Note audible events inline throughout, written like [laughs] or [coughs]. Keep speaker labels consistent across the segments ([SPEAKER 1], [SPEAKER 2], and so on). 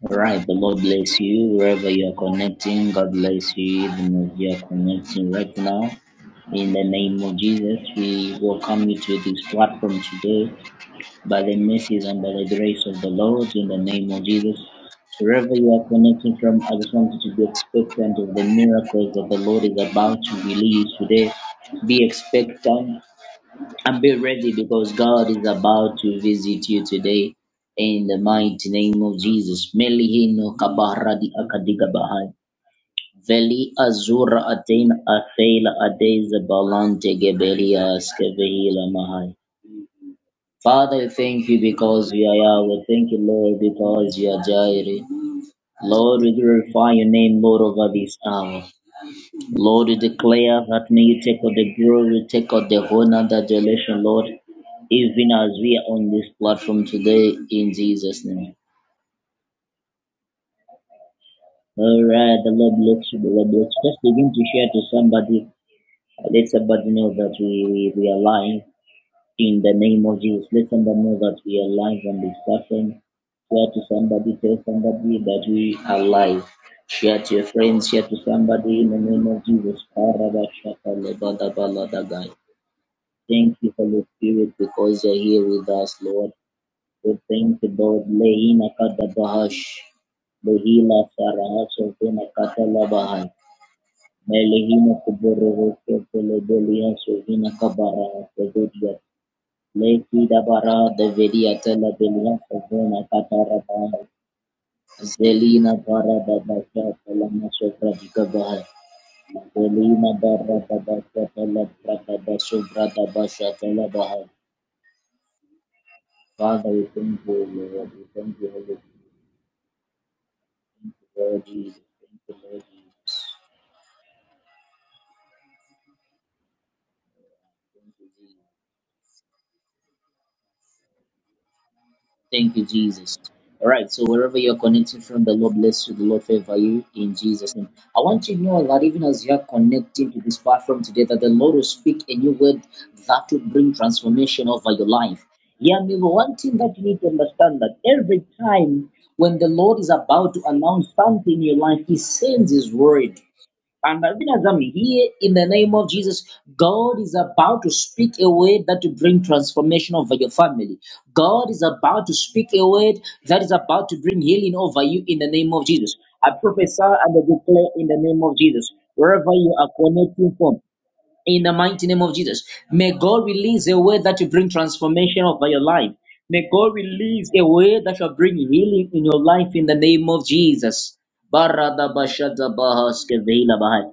[SPEAKER 1] All right, the Lord bless you wherever you are connecting. God bless you even as you are connecting right now. In the name of Jesus, we welcome you to this platform today by the mercies and by the grace of the Lord. In the name of Jesus, wherever you are connecting from, I just want you to be expectant of the miracles that the Lord is about to release today. Be expectant and be ready because God is about to visit you today in the mighty name of Jesus. Melihino kabaradi akadigabahai. Veli azura atein atheila adeza balante gebelia skevehila mahai. Father, we thank you because you are Yahweh. Thank you, Lord, because you are Jireh. Lord, we glorify your name, Lord, over this hour. Lord, we declare that may you take out the glory, take out the honor, the adoration, Lord, even as we are on this platform today in Jesus' name. All right, the Lord bless you, the Lord bless you. Just begin to share to somebody. Let somebody know that we, we, we are live in the name of Jesus. Let somebody know that we are live on this platform. Share to somebody, tell somebody that we are live. Share to your friends, share to somebody in the name of Jesus. Parabashaka lebadabaladagai. Thank you, Holy Spirit, because you're here with us, Lord. We thank you, Lord. Lehina kata bahash. Lehila sarahas sovina kata labahan. Melehina kuburu roke pele belian sovina kabara sevedia. Leki dabara devedia tela belian sovina kata rabahan. Zelina bara babasha tela masovra dikabahan. Zelina bara babasha tela brata basovra dabasha tela bahan. Father, we thank you, Lord. We thank you, Holy Lord Jesus. Thank you, Lord Jesus. Thank you, Jesus. Thank you, Jesus. All right, so wherever you're connecting from, the Lord bless you, the Lord favor you in Jesus' name. I want you to know that even as you're connecting to this platform today, that the Lord will speak a new word that will bring transformation over your life. Yeah, me, one thing that you need to understand that every time when the Lord is about to announce something in your life, He sends His word. And uh, here in the name of Jesus, God is about to speak a word that will bring transformation over your family. God is about to speak a word that is about to bring healing over you in the name of Jesus. I prophesy and I declare in the name of Jesus, wherever you are connecting from, in the mighty name of Jesus, may God release a word that will bring transformation over your life. May God release a word that shall bring healing in your life in the name of Jesus. Barada bashada bahas kevela bahai.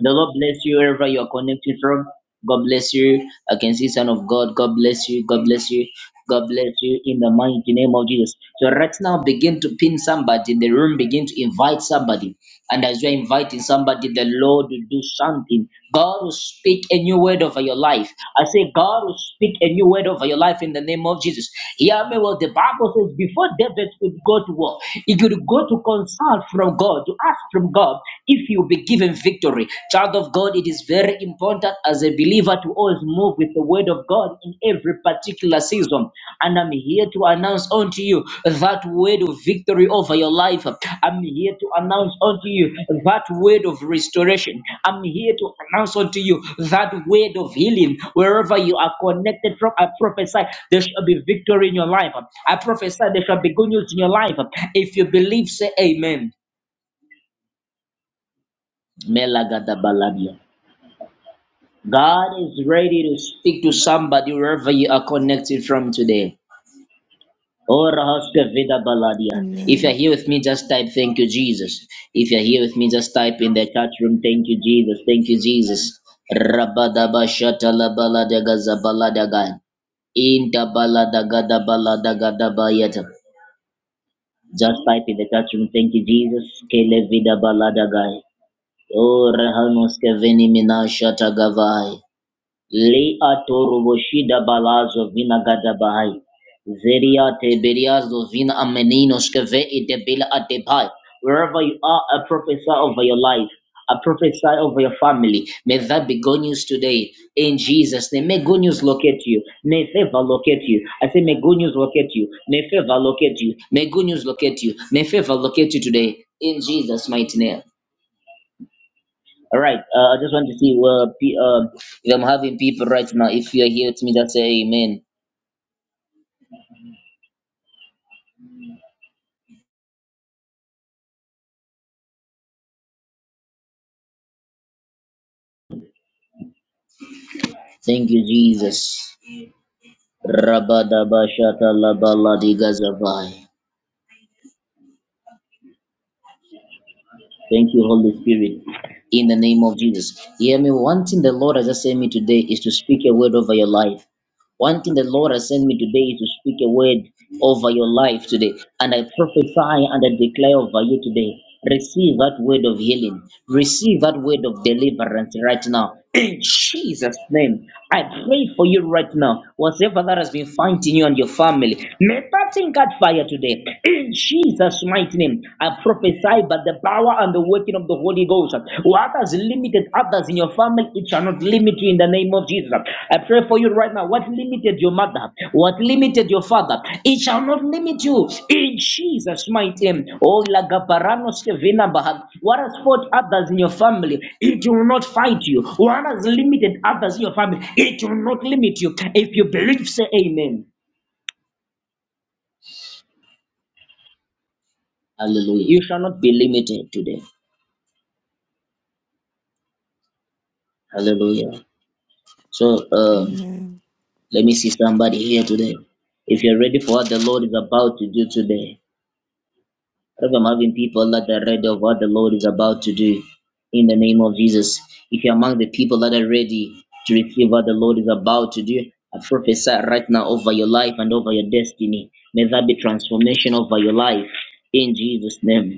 [SPEAKER 1] The Lord bless you wherever you are connected from. God bless you. I can see Son of God. God bless you. God bless you. God bless you in the mighty name of Jesus. So right now begin to pin somebody in the room, begin to invite somebody. And as you're inviting somebody, the Lord will do something. God will speak a new word over your life. I say, God will speak a new word over your life in the name of Jesus. Hear me well. The Bible says before David could go to war, he could go to consult from God, to ask from God if you be given victory. Child of God, it is very important as a believer to always move with the word of God in every particular season. And I'm here to announce unto you that word of victory over your life. I'm here to announce unto you that word of restoration. I'm here to announce unto you that word of healing. Wherever you are connected from, I prophesy there shall be victory in your life. I prophesy there shall be good news in your life. If you believe, say amen. Melagadabalabia. God is ready to speak to somebody wherever you are connected from today. Ora hosta vida baladia. If you're
[SPEAKER 2] Amen.
[SPEAKER 1] here with me, just type thank you, Jesus. If you're here with me, just type in the chat room thank you, Jesus. Thank you, Jesus. Rabadaba shata la baladaga zabaladaga. Inta baladaga da baladaga da bayata. Just type in the chat room thank you, Jesus. Kele vida baladaga. Ora hanoske veni minashata gavai. Leato roboshida balazo vina gadabahai. Veriate beriazo vina ameninos keve idebila adebai. Wherever you are, I prophesy over your life. I prophesy over your family. May that be good news today. In Jesus' name, may good news locate you. May favor locate you. I say, may good news locate you. May favor locate you. May good news locate you. May favor locate you today. In Jesus' mighty name. All right. Uh, I just want to see uh, pe- uh, if I'm having people right now. If you're here with me, that's amen. Thank you, Jesus. Rabadabashatalabaladigazavai. Thank you, Holy Spirit, in the name of Jesus. Hear me. One thing the Lord has just sent me today is to speak a word over your life. One thing the Lord has sent me today is to speak a word over your life today. And I prophesy and I declare over you today. Receive that word of healing. Receive that word of deliverance right now. In Jesus' name, I pray for you right now. Whatever that has been fighting you and your family, may that thing catch fire today. In Jesus' mighty name, I prophesy by the power and the word working of the Holy Ghost. What has limited others in your family, it shall not limit you in the name of Jesus. I pray for you right now. What limited your mother, what limited your father, it shall not limit you in Jesus' mighty name. Oh, Lagabarano Stevena Bahad. What has fought others in your family, it will not fight you. What has limited others in your family, it will not limit you. If you believe, say amen. Hallelujah. You shall not be limited today. Hallelujah. So, um,
[SPEAKER 2] Amen.
[SPEAKER 1] Let me see somebody here today. If you're ready for what the Lord is about to do today, if I'm having people that are ready of what the Lord is about to do in the name of Jesus. If you're among the people that are ready to receive what the Lord is about to do, I prophesy right now over your life and over your destiny. May that be transformation over your life in Jesus' name.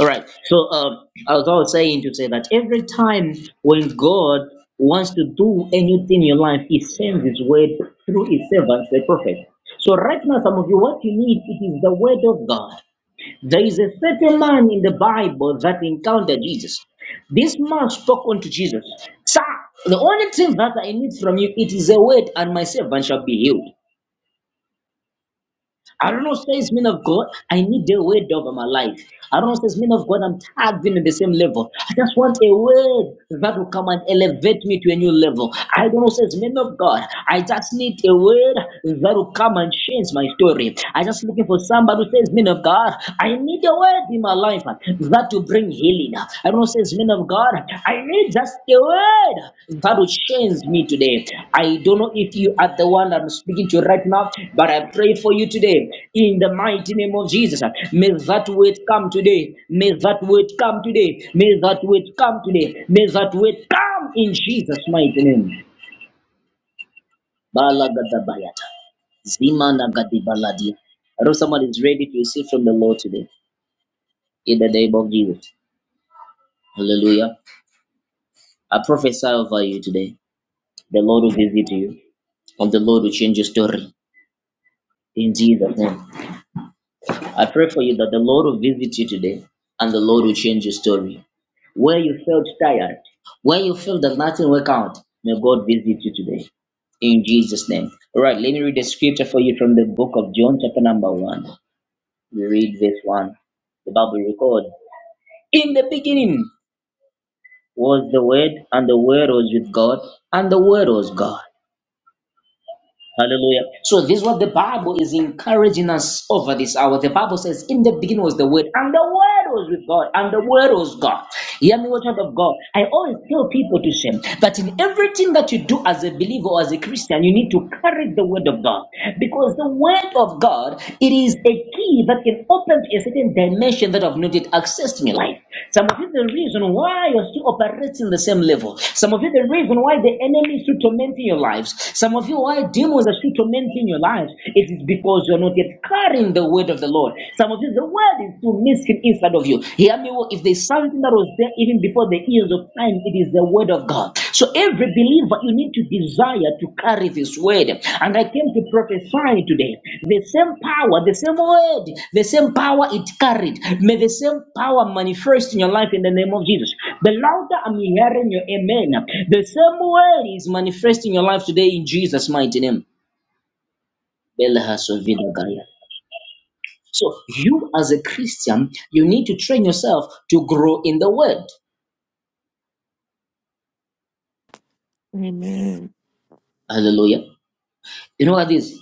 [SPEAKER 1] All right. So um, as I was always saying to say that every time when God wants to do anything in your life, He sends His word through His servants, the prophet. So right now, some of you, what you need it is the word of God. There is a certain man in the Bible that encountered Jesus. This man spoke unto Jesus, Sir, the only thing that I need from you, it is a word, and my servant shall be healed. I don't know, says men of God, I need the word over my life. I don't know, says men of God, I'm tagged in at the same level. I just want a word that will come and elevate me to a new level. I don't know, says men of God, I just need a word that will come and change my story. I just looking for somebody who says, men of God, I need a word in my life that will bring healing. I don't say, men of God, I need just the word that will change me today. I don't know if you are the one that I'm speaking to right now, but I pray for you today in the mighty name of Jesus. May that word come today. May that word come today. May that word come today. May that word come in Jesus' mighty name. Balagadabayata. Zimanagadibaladi. I know someone is ready to receive from the Lord today in the name of Jesus. Hallelujah. I prophesy over you today. The Lord will visit you, and the Lord will change your story. In Jesus' name. I pray for you that the Lord will visit you today, and the Lord will change your story. Where you felt tired, where you feel that nothing worked out, may God visit you today. In Jesus' name. All right, let me read the scripture for you from the book of John, chapter number 1. We read verse 1. The Bible records In the beginning was the Word, and the Word was with God, and the Word was God. Hallelujah. So this is what the Bible is encouraging us over this hour. The Bible says, In the beginning was the word, and the word was with God, and the word was God. Hear me, what child of God. I always tell people to say that in everything that you do as a believer or as a Christian, you need to carry the word of God. Because the word of God, it is a key that can open to a certain dimension that I've not yet accessed in your life. Some of you, the reason why you're still operating the same level. Some of you, the reason why the enemy is still tormenting your lives. Some of you, why demons demons are still tormenting your lives, it is because you're not yet carrying the word of the Lord. Some of you, the word is still missing inside of you. Hear me, well, if there's something that was there even before the ears of time, it is the word of God. So every believer, you need to desire to carry this word. And I came to prophesy today. The same power, the same word, the same power it carried. May the same power manifest in your life in the name of Jesus. The louder I'm hearing your amen, the same word is manifesting your life today in Jesus' mighty name. Belhassovinagaya. So you as a Christian, you need to train yourself to grow in the word.
[SPEAKER 2] Amen.
[SPEAKER 1] Hallelujah. You know what it is?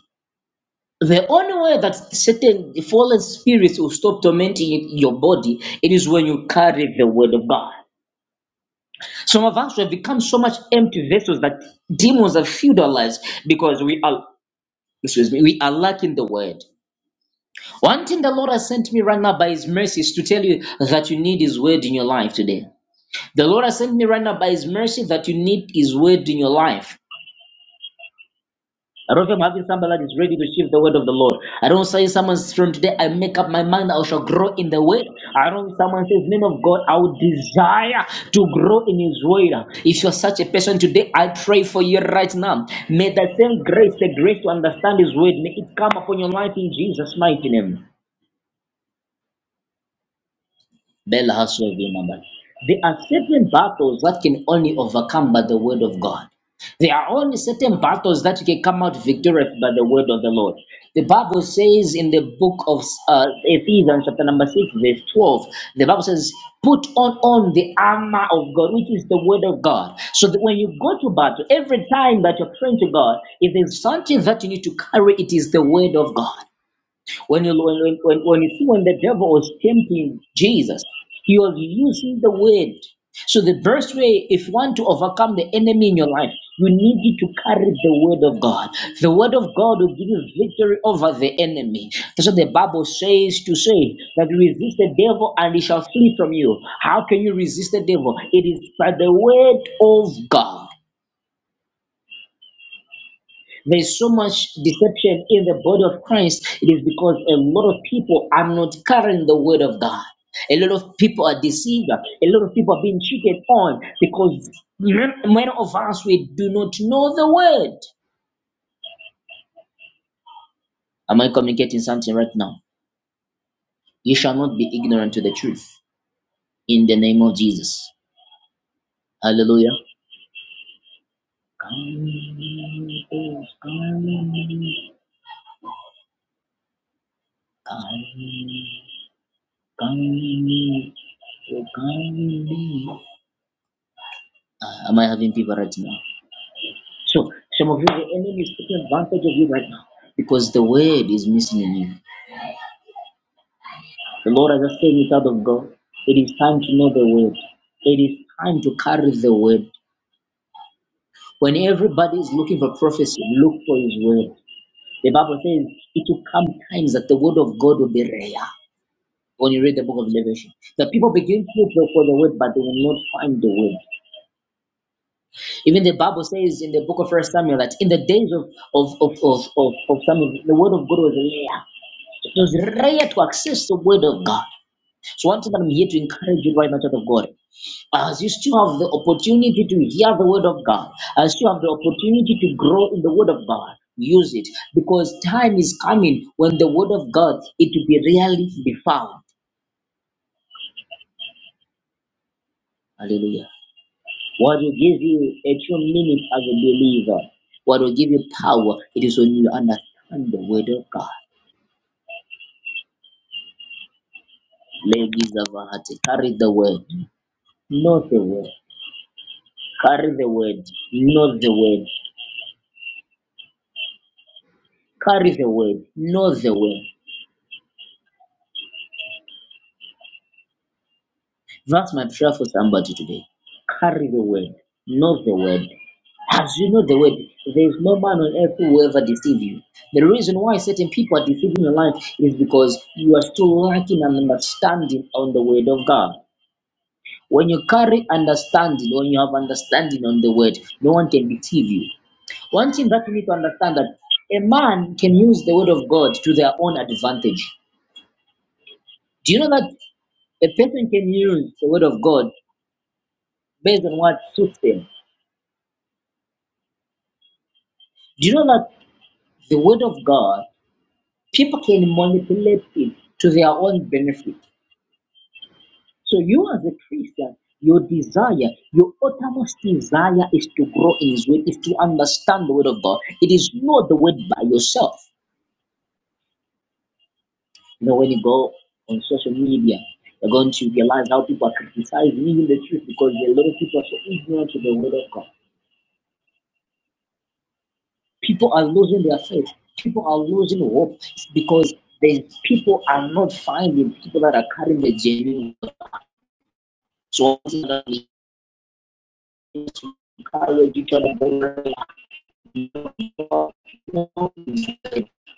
[SPEAKER 1] The only way that certain fallen spirits will stop tormenting your body, it is when you carry the word of God. Some of us have become so much empty vessels that demons have filled our lives because we are excuse me, we are lacking the word. One thing the Lord has sent me right now by his mercy is to tell you that you need his word in your life today. The Lord has sent me right now by His mercy that you need His word in your life. I don't think I'm having somebody that is ready to receive the word of the Lord. I don't say someone says, from today I make up my mind I shall grow in the word. I don't someone says name of God I would desire to grow in His word. If you're such a person today, I pray for you right now. May the same grace, the grace to understand His word, may it come upon your life in Jesus' mighty name. Bel has well been numbered. There are certain battles that can only overcome by the word of God. There are only certain battles that you can come out victorious by the word of the Lord. The Bible says in the book of uh, Ephesians, chapter number 6, verse 12, the Bible says, Put on, on the armor of God, which is the word of God. So that when you go to battle, every time that you're praying to God, if there's something that you need to carry, it is the word of God. When you when, when, when you see when the devil was tempting Jesus, he was using the word. So the best way, if you want to overcome the enemy in your life, you need to carry the word of God. The word of God will give you victory over the enemy. That's what the Bible says to say that resist the devil and he shall flee from you. How can you resist the devil? It is by the word of God. There's so much deception in the body of Christ. It is because a lot of people are not carrying the word of God. A lot of people are deceived. A lot of people are being cheated on because many of us we do not know the word. Am I communicating something right now? You shall not be ignorant to the truth. In the name of Jesus. Hallelujah. Uh, Am I having people right now? So some of you, the enemy is taking advantage of you right now because the word is missing in you. The Lord has just said it out of God. It is time to know the word. It is time to carry the word. When everybody is looking for prophecy, look for his word. The Bible says it will come times that the word of God will be rare. When you read the book of Revelation, the people begin to pray for the word, but they will not find the word. Even the Bible says in the book of First Samuel that in the days of of of of, of, of Samuel, the word of God was rare. It was rare to access the Word of God. So, once again I'm here to encourage you right now, child of God, as you still have the opportunity to hear the Word of God, as you have the opportunity to grow in the Word of God, use it because time is coming when the Word of God it will be really be found. Hallelujah. What will give you a true meaning as a believer, what will give you power, it is when you understand the Word of God. Ladies of our heart, carry the Word, not the Word. Carry the word, know the word, carry the word, know the word. That's my prayer for somebody today. Carry the word, know the word. As you know the word, there is no man on earth who will ever deceive you. The reason why certain people are deceiving your life is because you are still lacking an understanding on the word of God. When you carry understanding, when you have understanding on the word, no one can deceive you. One thing that you need to understand that a man can use the word of God to their own advantage. Do you know that a person can use the word of God based on what suits them? Do you know that the word of God, people can manipulate it to their own benefit? So you as a Christian, your desire, your uttermost desire is to grow in His word, is to understand the word of God. It is not the word by yourself. You know, when you go on social media, you're going to realize how people are criticizing even the truth because a lot of people are so ignorant to the word of God. People are losing their faith. People are losing hope because the people are not finding people that are carrying the genuine. So that encourage each other.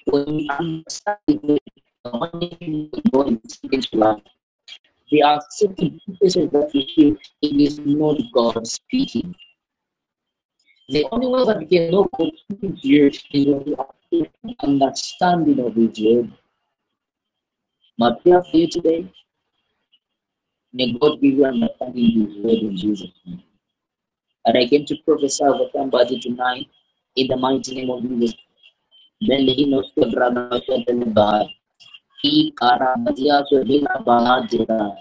[SPEAKER 1] When we understand the money going into life, there are certain places that we feel it is not God speaking. The only way that we can know God speaking to you is when understanding of His word My prayer for you today, may God give you understanding you word in Jesus' name. And I came to prophesy over somebody tonight in the mighty name of Jesus. Then he knows the brother of the Levi. He carabazia to Hina Bahadira.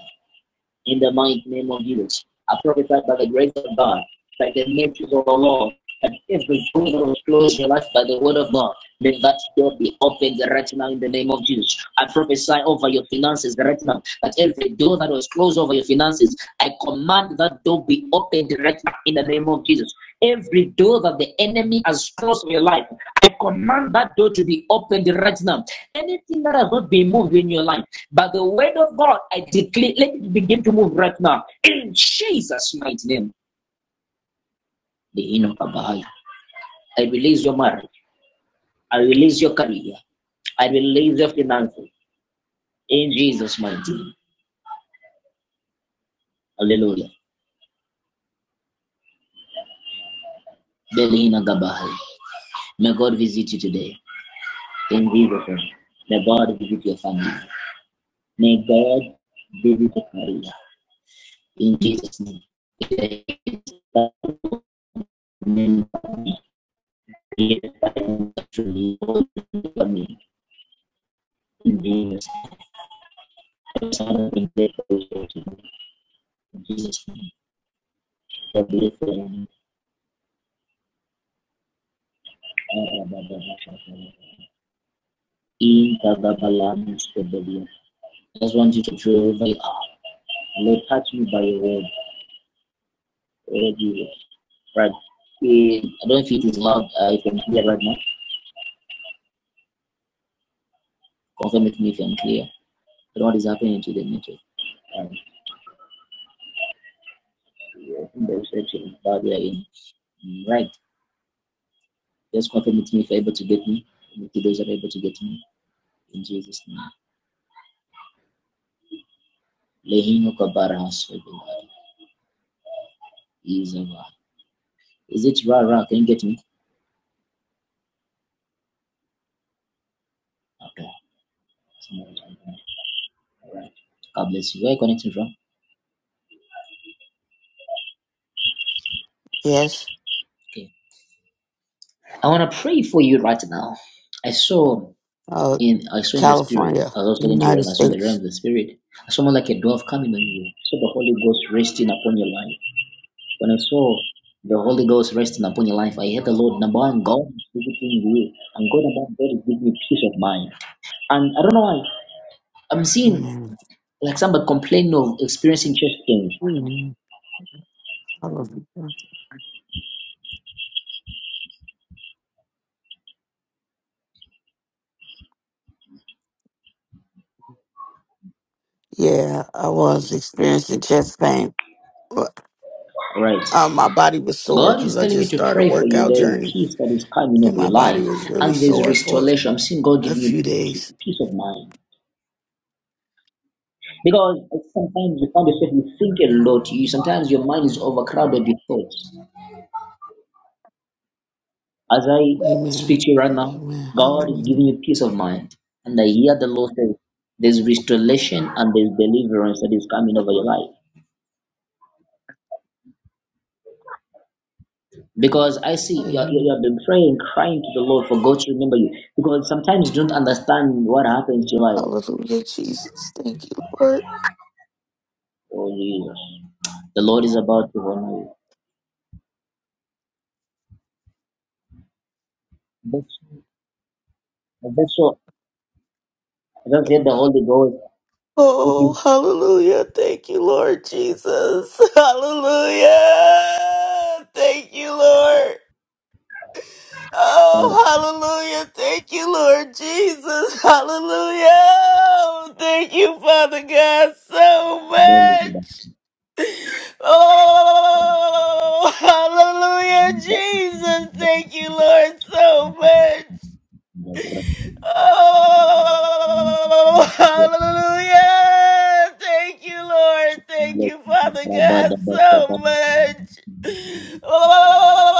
[SPEAKER 1] in the mighty name of Jesus. I prophesy by the grace of God, by the mercies of the Lord, that every door that was closed in your life by the word of God, may that door be opened right now in the name of Jesus. I prophesy over your finances right now, that every door that was closed over your finances, I command that door be opened right now in the name of Jesus. Every door that the enemy has closed in your life, I command that door to be opened right now. Anything that has not been moved in your life, by the word of God, I declare, let it begin to move right now. In Jesus' mighty name, the end of Abahai. I release your marriage. I release your career. I release your finances. In Jesus' mighty name. Hallelujah. Delhi na Gabahai. May God visit you today. In Jesus' name. May God visit your family. May God visit your career. in Jesus' name. I Just want you to throw over your arm. Lord, touch me by your word. right? Eh, I don't know if it is loud. Uh, if I'm clear right now, confirm with me if I'm clear. I don't know what is happening to the network. And uh, I think the reception is bad there in Right. Just confirm with me if you're able to get me. With those that are able to get me. In Jesus' name. Lehino kabara hasrebelai. Izava. Is over. Is it Ra Ra? Can you get me? Okay. All right. God bless you. Where are you connecting from?
[SPEAKER 3] Yes,
[SPEAKER 1] Okay. I want to pray for you right now. I saw
[SPEAKER 3] uh,
[SPEAKER 1] in I saw in the spirit.
[SPEAKER 3] California,
[SPEAKER 1] I was also talking to you
[SPEAKER 3] United
[SPEAKER 1] right now. I saw in the realm
[SPEAKER 3] States.
[SPEAKER 1] of the spirit. I saw more like a dove coming on you. I saw the Holy Ghost resting upon your life. When I saw the Holy Ghost resting upon your life, I heard the Lord, number one, God is visiting you, and God, number one, God is giving you peace of mind. And I don't know why I'm seeing
[SPEAKER 3] Amen.
[SPEAKER 1] like somebody complaining of experiencing chest pains.
[SPEAKER 3] Amen. Hallelujah. Yeah, I was experiencing chest pain. But,
[SPEAKER 1] Right.
[SPEAKER 3] Um, my body was sore
[SPEAKER 1] God
[SPEAKER 3] because
[SPEAKER 1] is
[SPEAKER 3] I
[SPEAKER 1] telling me
[SPEAKER 3] just
[SPEAKER 1] to
[SPEAKER 3] started a
[SPEAKER 1] pray for you.
[SPEAKER 3] workout
[SPEAKER 1] There is
[SPEAKER 3] journey,
[SPEAKER 1] peace that is coming
[SPEAKER 3] and
[SPEAKER 1] over
[SPEAKER 3] my
[SPEAKER 1] your
[SPEAKER 3] body
[SPEAKER 1] life,
[SPEAKER 3] was really
[SPEAKER 1] and there's
[SPEAKER 3] sore for
[SPEAKER 1] restoration. I'm seeing God
[SPEAKER 3] a
[SPEAKER 1] giving you
[SPEAKER 3] few
[SPEAKER 1] pe-
[SPEAKER 3] days.
[SPEAKER 1] peace of mind. Because sometimes you find yourself you think a lot. You sometimes your mind is overcrowded with thoughts. As I
[SPEAKER 3] Amen.
[SPEAKER 1] speak to you right now,
[SPEAKER 3] Amen.
[SPEAKER 1] God is
[SPEAKER 3] Hallelujah.
[SPEAKER 1] giving you peace of mind. And I hear the Lord say, there's restoration and there's deliverance that is coming over your life. Because I see you, you,
[SPEAKER 3] Amen.
[SPEAKER 1] you have been praying, crying to the Lord for God to remember you. Because sometimes you don't understand what happens to your life.
[SPEAKER 3] Hallelujah, Jesus. Thank you, Lord.
[SPEAKER 1] Oh, Jesus. The Lord is about to honor you. That's, that's so. I just hear the Holy Ghost. It
[SPEAKER 3] Oh,
[SPEAKER 1] is,
[SPEAKER 3] hallelujah. Thank you, Lord Jesus. [laughs] Hallelujah. Thank you, Lord.
[SPEAKER 1] uh,
[SPEAKER 3] Oh, hallelujah. Thank you, Lord Jesus. [laughs] Hallelujah. Oh, Thank you, Father God, so
[SPEAKER 1] there
[SPEAKER 3] much. Oh, [laughs] hallelujah, Jesus. Thank you, Lord, so much.
[SPEAKER 1] is
[SPEAKER 3] Oh,
[SPEAKER 1] the-
[SPEAKER 3] hallelujah. Thank you, Lord. Thank
[SPEAKER 1] Lord,
[SPEAKER 3] you,
[SPEAKER 1] I
[SPEAKER 3] Father
[SPEAKER 1] Lord,
[SPEAKER 3] God,
[SPEAKER 1] I
[SPEAKER 3] so much. Oh,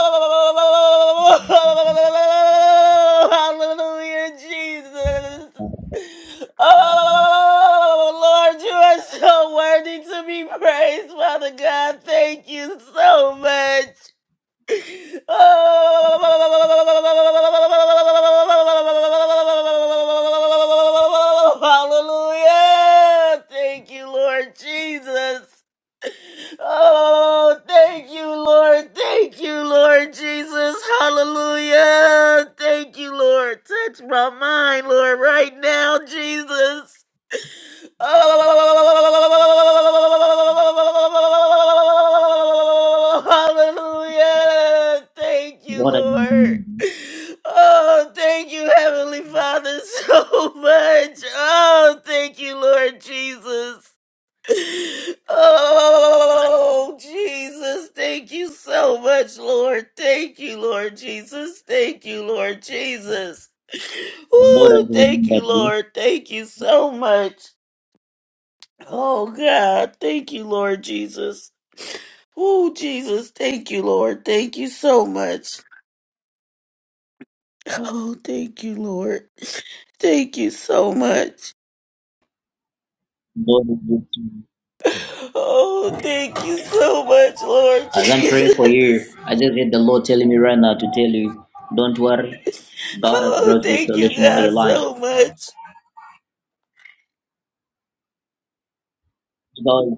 [SPEAKER 3] hallelujah, Jesus. Oh, Lord, you are so worthy to be praised, Father God. Thank you so much. Oh, hallelujah. Thank you, Lord Jesus. Oh, thank you, Lord. Thank you, Lord Jesus. Hallelujah. Thank you, Lord. Touch my mind, Lord, right now, Jesus. Oh, hallelujah. Thank you, Lord. Oh, thank you, Heavenly Father, [laughs] so much. Oh, thank you, Lord Jesus. Oh, Jesus, thank you so much, Lord. Thank you, Lord Jesus. Thank you, Lord Jesus. Woo, thank
[SPEAKER 1] remember
[SPEAKER 3] you,
[SPEAKER 1] you.
[SPEAKER 3] Lord. Thank you so much. Oh God, thank you, Lord Jesus. Oh Jesus, thank you, Lord. Thank you so much. Oh, thank you, Lord. Thank you so much.
[SPEAKER 1] Lord, is with you.
[SPEAKER 3] Oh, thank you so much, Lord [laughs]
[SPEAKER 1] As I'm praying for you,
[SPEAKER 3] Jesus.
[SPEAKER 1] I just hear the Lord telling me right now to tell you, don't worry. God has
[SPEAKER 3] Oh,
[SPEAKER 1] brought
[SPEAKER 3] thank you,
[SPEAKER 1] restoration over
[SPEAKER 3] God,
[SPEAKER 1] your life.
[SPEAKER 3] so much.
[SPEAKER 1] Because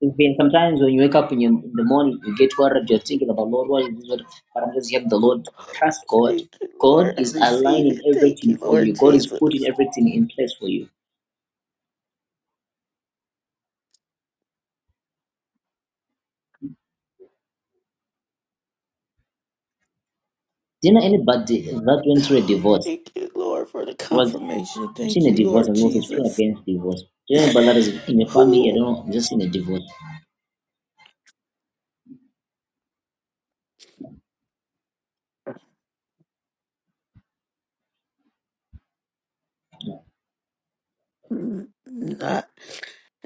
[SPEAKER 1] it's been sometimes when you wake up in, your, in the morning, you get worried, you're thinking about Lord, what is this? What-" But I'm just hearing the Lord, trust God.
[SPEAKER 3] Thank you, Lord.
[SPEAKER 1] God
[SPEAKER 3] I
[SPEAKER 1] is
[SPEAKER 3] receive
[SPEAKER 1] aligning
[SPEAKER 3] it. Thank you,
[SPEAKER 1] everything for
[SPEAKER 3] Lord
[SPEAKER 1] you. God is
[SPEAKER 3] Jesus.
[SPEAKER 1] putting everything in place for you. Do you know anybody that went through a divorce?
[SPEAKER 3] Thank you, Lord, for the
[SPEAKER 1] was.
[SPEAKER 3] confirmation.
[SPEAKER 1] I'm
[SPEAKER 3] Thank
[SPEAKER 1] seeing a
[SPEAKER 3] you,
[SPEAKER 1] divorce
[SPEAKER 3] Lord
[SPEAKER 1] and also pray
[SPEAKER 3] Jesus.
[SPEAKER 1] against divorce. Do you know about that is in your family? I
[SPEAKER 3] Who?
[SPEAKER 1] don't know. I'm just seeing a divorce.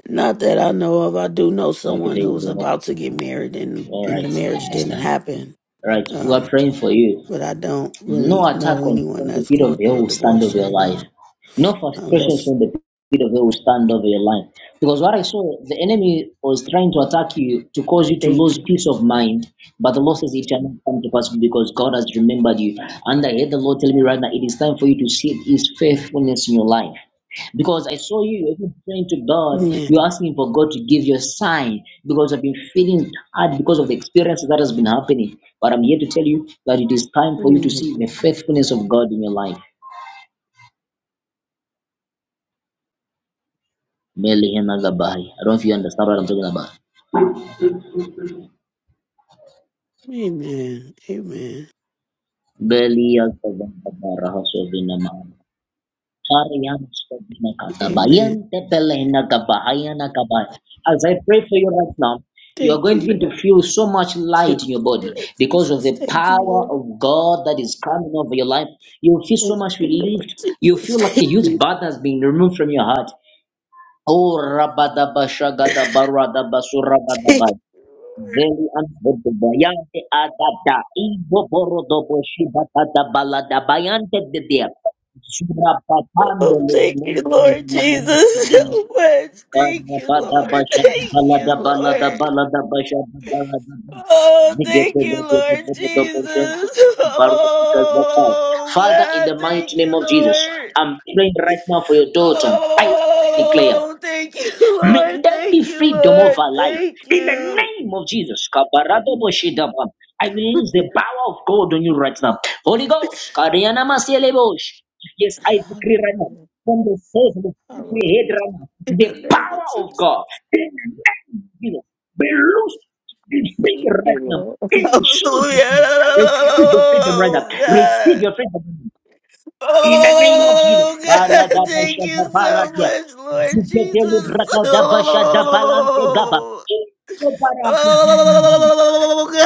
[SPEAKER 3] Not that I know of. I do know
[SPEAKER 1] Okay,
[SPEAKER 3] someone
[SPEAKER 1] there
[SPEAKER 3] who
[SPEAKER 1] you
[SPEAKER 3] was
[SPEAKER 1] go.
[SPEAKER 3] about
[SPEAKER 1] Okay.
[SPEAKER 3] to get married and
[SPEAKER 1] All
[SPEAKER 3] and
[SPEAKER 1] right.
[SPEAKER 3] the
[SPEAKER 1] I
[SPEAKER 3] marriage didn't
[SPEAKER 1] understand.
[SPEAKER 3] happen.
[SPEAKER 1] All right. We are
[SPEAKER 3] Um,
[SPEAKER 1] praying for you.
[SPEAKER 3] but I don't
[SPEAKER 1] No
[SPEAKER 3] really know
[SPEAKER 1] attack on
[SPEAKER 3] anyone
[SPEAKER 1] from the
[SPEAKER 3] that's
[SPEAKER 1] pit
[SPEAKER 3] going
[SPEAKER 1] of hell
[SPEAKER 3] through a
[SPEAKER 1] will stand
[SPEAKER 3] divorce
[SPEAKER 1] over your
[SPEAKER 3] right
[SPEAKER 1] life.
[SPEAKER 3] now.
[SPEAKER 1] No frustrations
[SPEAKER 3] Unless
[SPEAKER 1] from the pit of hell will stand over your life. Because what I saw, the enemy was trying to attack you to cause you to
[SPEAKER 3] they
[SPEAKER 1] lose
[SPEAKER 3] can.
[SPEAKER 1] peace of mind. But the Lord says it shall not come to pass because God has remembered you. And I heard the Lord tell me right now, it is time for you to see His faithfulness in your life. Because I saw you, you're even praying to God, you're
[SPEAKER 3] Amen.
[SPEAKER 1] asking for God to give you a sign because I've been feeling hard because of the experience that has been happening. But I'm here to tell you that it is time for you to
[SPEAKER 3] Amen.
[SPEAKER 1] see the faithfulness of God in your life. Meli hena gabai. I don't know if you understand what I'm talking about.
[SPEAKER 3] Amen. Amen.
[SPEAKER 1] Beli ya gabai, rahaso vina As I
[SPEAKER 3] Amen.
[SPEAKER 1] pray for you right now, you are
[SPEAKER 3] Thank
[SPEAKER 1] going
[SPEAKER 3] you.
[SPEAKER 1] to
[SPEAKER 3] Lord.
[SPEAKER 1] feel so much
[SPEAKER 3] Thank
[SPEAKER 1] light in your
[SPEAKER 3] you,
[SPEAKER 1] body
[SPEAKER 3] Lord
[SPEAKER 1] because of
[SPEAKER 3] Jesus.
[SPEAKER 1] the
[SPEAKER 3] Thank you,
[SPEAKER 1] power
[SPEAKER 3] Lord.
[SPEAKER 1] of God that is coming over your life. You feel so
[SPEAKER 3] Thank
[SPEAKER 1] much
[SPEAKER 3] you, Lord
[SPEAKER 1] relieved. You
[SPEAKER 3] Jesus.
[SPEAKER 1] feel like a
[SPEAKER 3] Thank
[SPEAKER 1] huge
[SPEAKER 3] you.
[SPEAKER 1] burden has been removed from your heart. Oh, rabadaba shagada
[SPEAKER 3] Thank
[SPEAKER 1] barada
[SPEAKER 3] you.
[SPEAKER 1] Veli antwodu bayante adada ibo boro dobo shiba tada balada bayante dedia. Shura patando
[SPEAKER 3] Oh,
[SPEAKER 1] le
[SPEAKER 3] thank you, Lord
[SPEAKER 1] mungu
[SPEAKER 3] Jesus, [laughs] so much. Thank you,
[SPEAKER 1] Karabada
[SPEAKER 3] Lord. [laughs]
[SPEAKER 1] bashada
[SPEAKER 3] Thank
[SPEAKER 1] balada
[SPEAKER 3] you,
[SPEAKER 1] balada
[SPEAKER 3] Lord.
[SPEAKER 1] balada basha da. balada ba-
[SPEAKER 3] Oh,
[SPEAKER 1] Zigete
[SPEAKER 3] thank you,
[SPEAKER 1] dobo
[SPEAKER 3] Lord
[SPEAKER 1] dobo dobo
[SPEAKER 3] Jesus.
[SPEAKER 1] shante
[SPEAKER 3] [laughs]
[SPEAKER 1] kutu barabika zakai.
[SPEAKER 3] Oh,
[SPEAKER 1] Father, in
[SPEAKER 3] God,
[SPEAKER 1] the mighty
[SPEAKER 3] thank
[SPEAKER 1] name
[SPEAKER 3] you,
[SPEAKER 1] of Jesus,
[SPEAKER 3] Lord.
[SPEAKER 1] I'm praying right now for your daughter. I declare.
[SPEAKER 3] Oh, thank you, [laughs]
[SPEAKER 1] May
[SPEAKER 3] Lord.
[SPEAKER 1] there be
[SPEAKER 3] Thank you,
[SPEAKER 1] freedom of
[SPEAKER 3] Lord.
[SPEAKER 1] our life.
[SPEAKER 3] Thank
[SPEAKER 1] In the
[SPEAKER 3] you.
[SPEAKER 1] name of Jesus. Kabaradoboshidaba. I release the power of God on you right now. Holy Ghost. Karianamaselebosh. Yes, I decree right now.
[SPEAKER 3] Hallelujah.
[SPEAKER 1] From the source of the head
[SPEAKER 3] Hallelujah.
[SPEAKER 1] right now.
[SPEAKER 3] In
[SPEAKER 1] The
[SPEAKER 3] the name of
[SPEAKER 1] power of
[SPEAKER 3] Jesus.
[SPEAKER 1] God. In the name of Jesus. Be loose. Be free right
[SPEAKER 3] [laughs]
[SPEAKER 1] now.
[SPEAKER 3] Hallelujah.
[SPEAKER 1] In Jesus' name. Receive your freedom right now.
[SPEAKER 3] Oh, God.
[SPEAKER 1] Receive your freedom. In the name of Jesus.
[SPEAKER 3] Oh God, [laughs] thank you so
[SPEAKER 1] Baradabashadabaradia.
[SPEAKER 3] much, Lord Jesus.
[SPEAKER 1] Ziketelebrakadabashadabalante gaba.
[SPEAKER 3] Oh,
[SPEAKER 1] In the name of Jesus,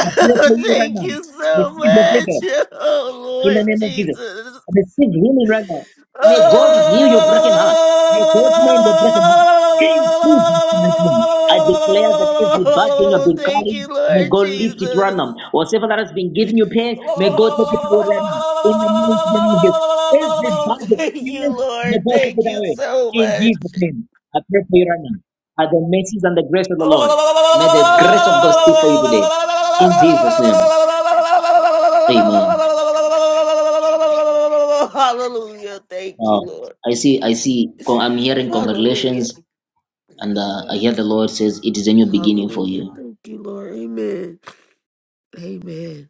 [SPEAKER 1] I pray for
[SPEAKER 3] [laughs]
[SPEAKER 1] you right
[SPEAKER 3] thank
[SPEAKER 1] now.
[SPEAKER 3] you so
[SPEAKER 1] Receive the freedom
[SPEAKER 3] much. Oh
[SPEAKER 1] in the
[SPEAKER 3] Lord
[SPEAKER 1] name of Jesus.
[SPEAKER 3] Jesus.
[SPEAKER 1] I receive healing right now. May God heal your broken heart. May God mend your broken heart. In Jesus' mighty name. I declare that every bad thing you've
[SPEAKER 3] Oh,
[SPEAKER 1] been
[SPEAKER 3] thank you,
[SPEAKER 1] carrying, may
[SPEAKER 3] Lord
[SPEAKER 1] God lift it right
[SPEAKER 3] Jesus.
[SPEAKER 1] now. Whatever that has been giving you pain, may God take it away right now. In the mighty name of Jesus. Every
[SPEAKER 3] Oh,
[SPEAKER 1] bad
[SPEAKER 3] Thank you,
[SPEAKER 1] experience, may
[SPEAKER 3] Lord.
[SPEAKER 1] God take
[SPEAKER 3] Thank
[SPEAKER 1] it
[SPEAKER 3] you
[SPEAKER 1] away.
[SPEAKER 3] so
[SPEAKER 1] In
[SPEAKER 3] much.
[SPEAKER 1] Jesus' name. I pray for you right now. By the mercies and the grace of the Lord. May the grace of God speak for you today. In Jesus' name. Amen.
[SPEAKER 3] Hallelujah. Thank you,
[SPEAKER 1] Now,
[SPEAKER 3] Lord.
[SPEAKER 1] I see, I see, con- I'm hearing
[SPEAKER 3] Hallelujah.
[SPEAKER 1] congratulations, and uh, I hear the Lord says it is a new beginning for
[SPEAKER 3] Hallelujah.
[SPEAKER 1] you.
[SPEAKER 3] Thank you, Lord. Amen. Amen.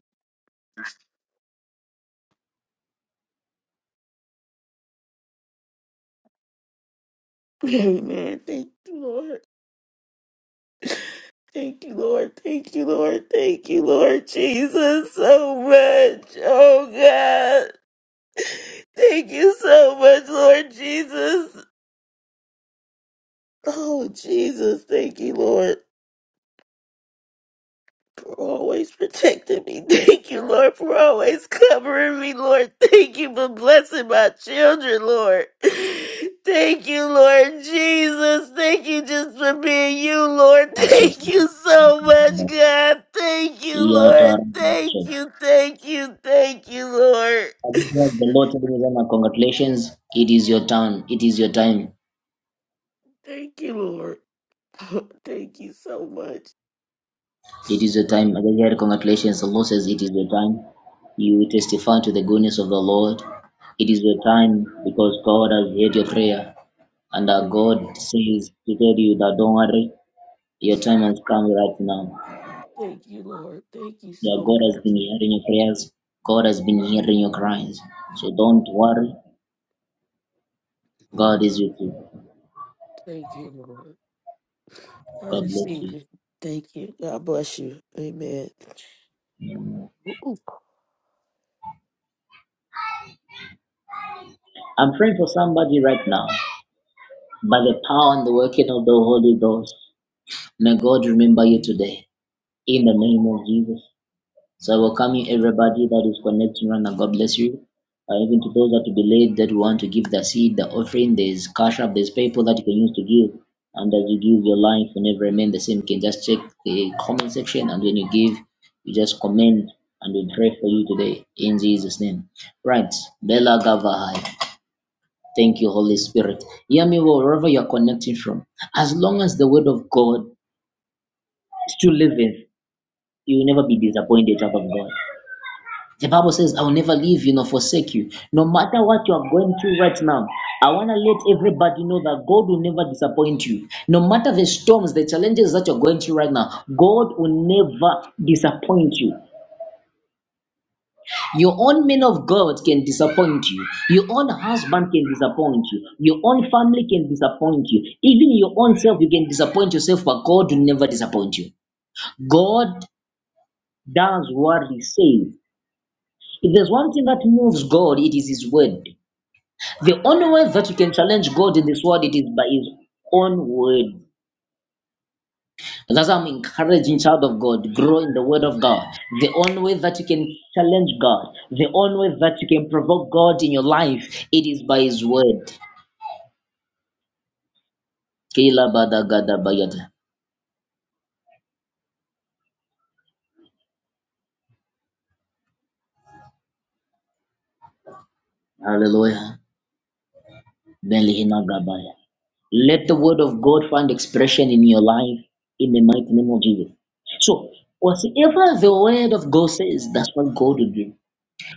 [SPEAKER 3] Amen. Thank you, Lord. Thank you, Lord. Thank you, Lord. Thank you, Lord Jesus, so much. Oh, God. Thank you so much, Lord Jesus. Oh, Jesus. Thank you, Lord. always protecting me. [laughs] Thank you, Lord, for always covering me, Lord. Thank you for blessing my children, Lord. [laughs] Thank you, Lord Jesus. Thank you just for being you, Lord. [laughs]
[SPEAKER 1] Also,
[SPEAKER 3] Thank you so much, God. Thank you,
[SPEAKER 1] your
[SPEAKER 3] Lord.
[SPEAKER 1] turn.
[SPEAKER 3] Thank
[SPEAKER 1] So,
[SPEAKER 3] you, thank you, thank you, Lord.
[SPEAKER 1] I just heard the Lord telling me right now, congratulations, it is your turn, it is your time,
[SPEAKER 3] Thank you, Lord. [laughs] Thank you so much.
[SPEAKER 1] it is your time. I just heard congratulations, the Lord says it is your time. You testify to the goodness of the Lord. It is your time because God has heard your prayer, and uh, God says to tell you that don't worry, your time has come right now
[SPEAKER 3] Thank you, Lord. Thank you
[SPEAKER 1] Yeah,
[SPEAKER 3] so
[SPEAKER 1] God
[SPEAKER 3] much.
[SPEAKER 1] has been hearing your prayers. God has been hearing your cries. So don't worry. God is with you.
[SPEAKER 3] Thank you, Lord. I
[SPEAKER 1] God bless
[SPEAKER 3] receive
[SPEAKER 1] you.
[SPEAKER 3] it. Thank you. God bless you. Amen. Ooh.
[SPEAKER 1] I'm praying for somebody right now. By the power and the working of the Holy Ghost, may God remember you today. In the name of Jesus. So I welcome you, everybody that is connecting right now. God bless you. Uh, even to those that will be late that want to give the seed, the offering, there's cash up, there's people that you can use to give. And as you give, your life will never remain the same. You can just check the comment section, and when you give, you just comment, and we pray for you today in Jesus' name. Right, Bella Gavahai. Thank you, Holy Spirit. Hear me well, wherever you're connecting from. As long as the word of God still liveth, you will never be disappointed out of God. The Bible says, I will never leave you nor forsake you. No matter what you are going through right now, I want to let everybody know that God will never disappoint you. No matter the storms, the challenges that you're going through right now, God will never disappoint you. Your own men of God can disappoint you. Your own husband can disappoint you. Your own family can disappoint you. Even your own self, you can disappoint yourself, but God will never disappoint you. God does what He says. If there's one thing that moves God, it is His word. The only way that you can challenge God in this world it is by His own word. That's why I'm encouraging child of God, grow in the word of God. The only way that you can challenge God, the only way that you can provoke God in your life, it is by His word. Kila bada gada bayada. Hallelujah. Beli hina gabaya. Let the word of God find expression in your life in the mighty name of Jesus. So, whatever the word of God says, that's what God will do.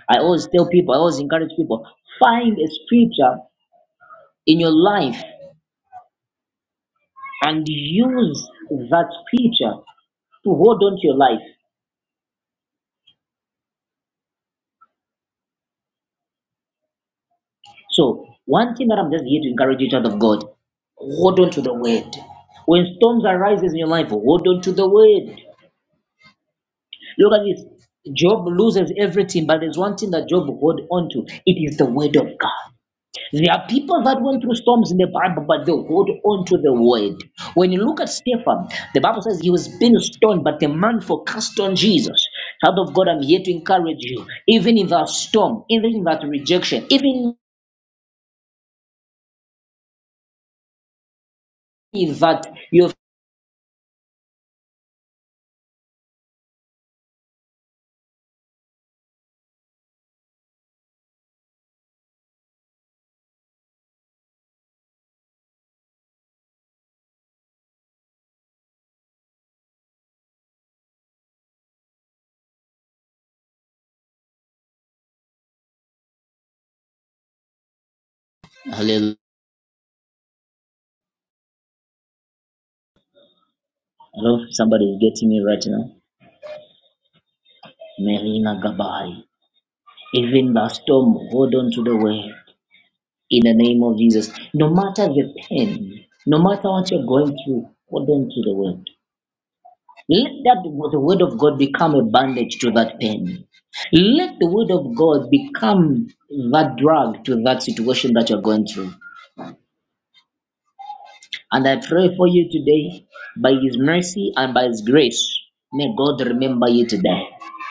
[SPEAKER 1] I always tell people, I always encourage people, find a scripture in your life and use that scripture to hold on to your life. So, one thing that I'm just here to encourage you, child of God, hold on to the word. When storms arises in your life, hold on to the word. Look at this. Job loses everything, but there's one thing that Job hold on to. It is the word of God. There are people that went through storms in the Bible, but they hold on to the word. When you look at Stephen, the Bible says he was being stoned, but the man focused on Jesus. Child of God, I'm here to encourage you, even in that storm, even in that rejection, even in that you're. Hallelujah. I do somebody is getting me right now. Melina Gabay. Even the storm, hold on to the word in the name of Jesus. No matter the pain, no matter what you're going through, hold on to the word. Let that the word of God become a bandage to that pain. Let the word of God become that drug to that situation that you're going through. And I pray for you today by His mercy and by His grace. May God remember you today.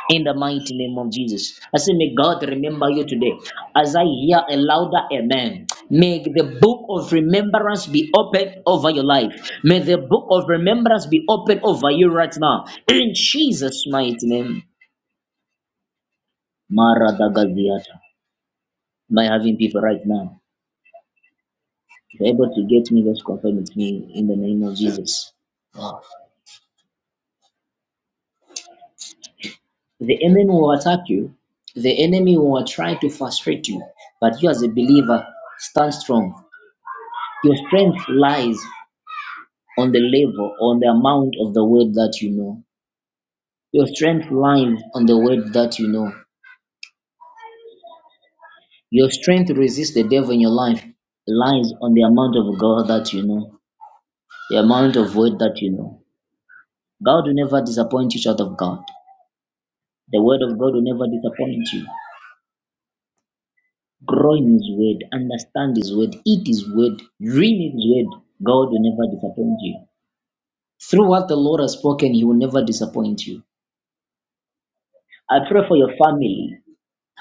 [SPEAKER 1] In the mighty name of Jesus. I say, may God remember you today. As I hear a louder amen, may the book of remembrance be opened over your life. May the book of remembrance be opened over you right now. In Jesus' mighty name. Maradagaziata. By having people right now. If you're able to get me, just confirm with me in the name of Jesus. The enemy will attack you. The enemy will try to frustrate you. But you, as a believer, stand strong. Your strength lies on the level, on the amount of the word that you know. Your strength lies on the word that you know. Your strength to resist the devil in your life lies on the amount of God that you know, the amount of word that you know. God will never disappoint you, child of God. The word of God will never disappoint you. grow in His Word, understand His Word, eat His Word, read His Word. God will never disappoint you. Through what the Lord has spoken, He will never disappoint you. I pray for your family.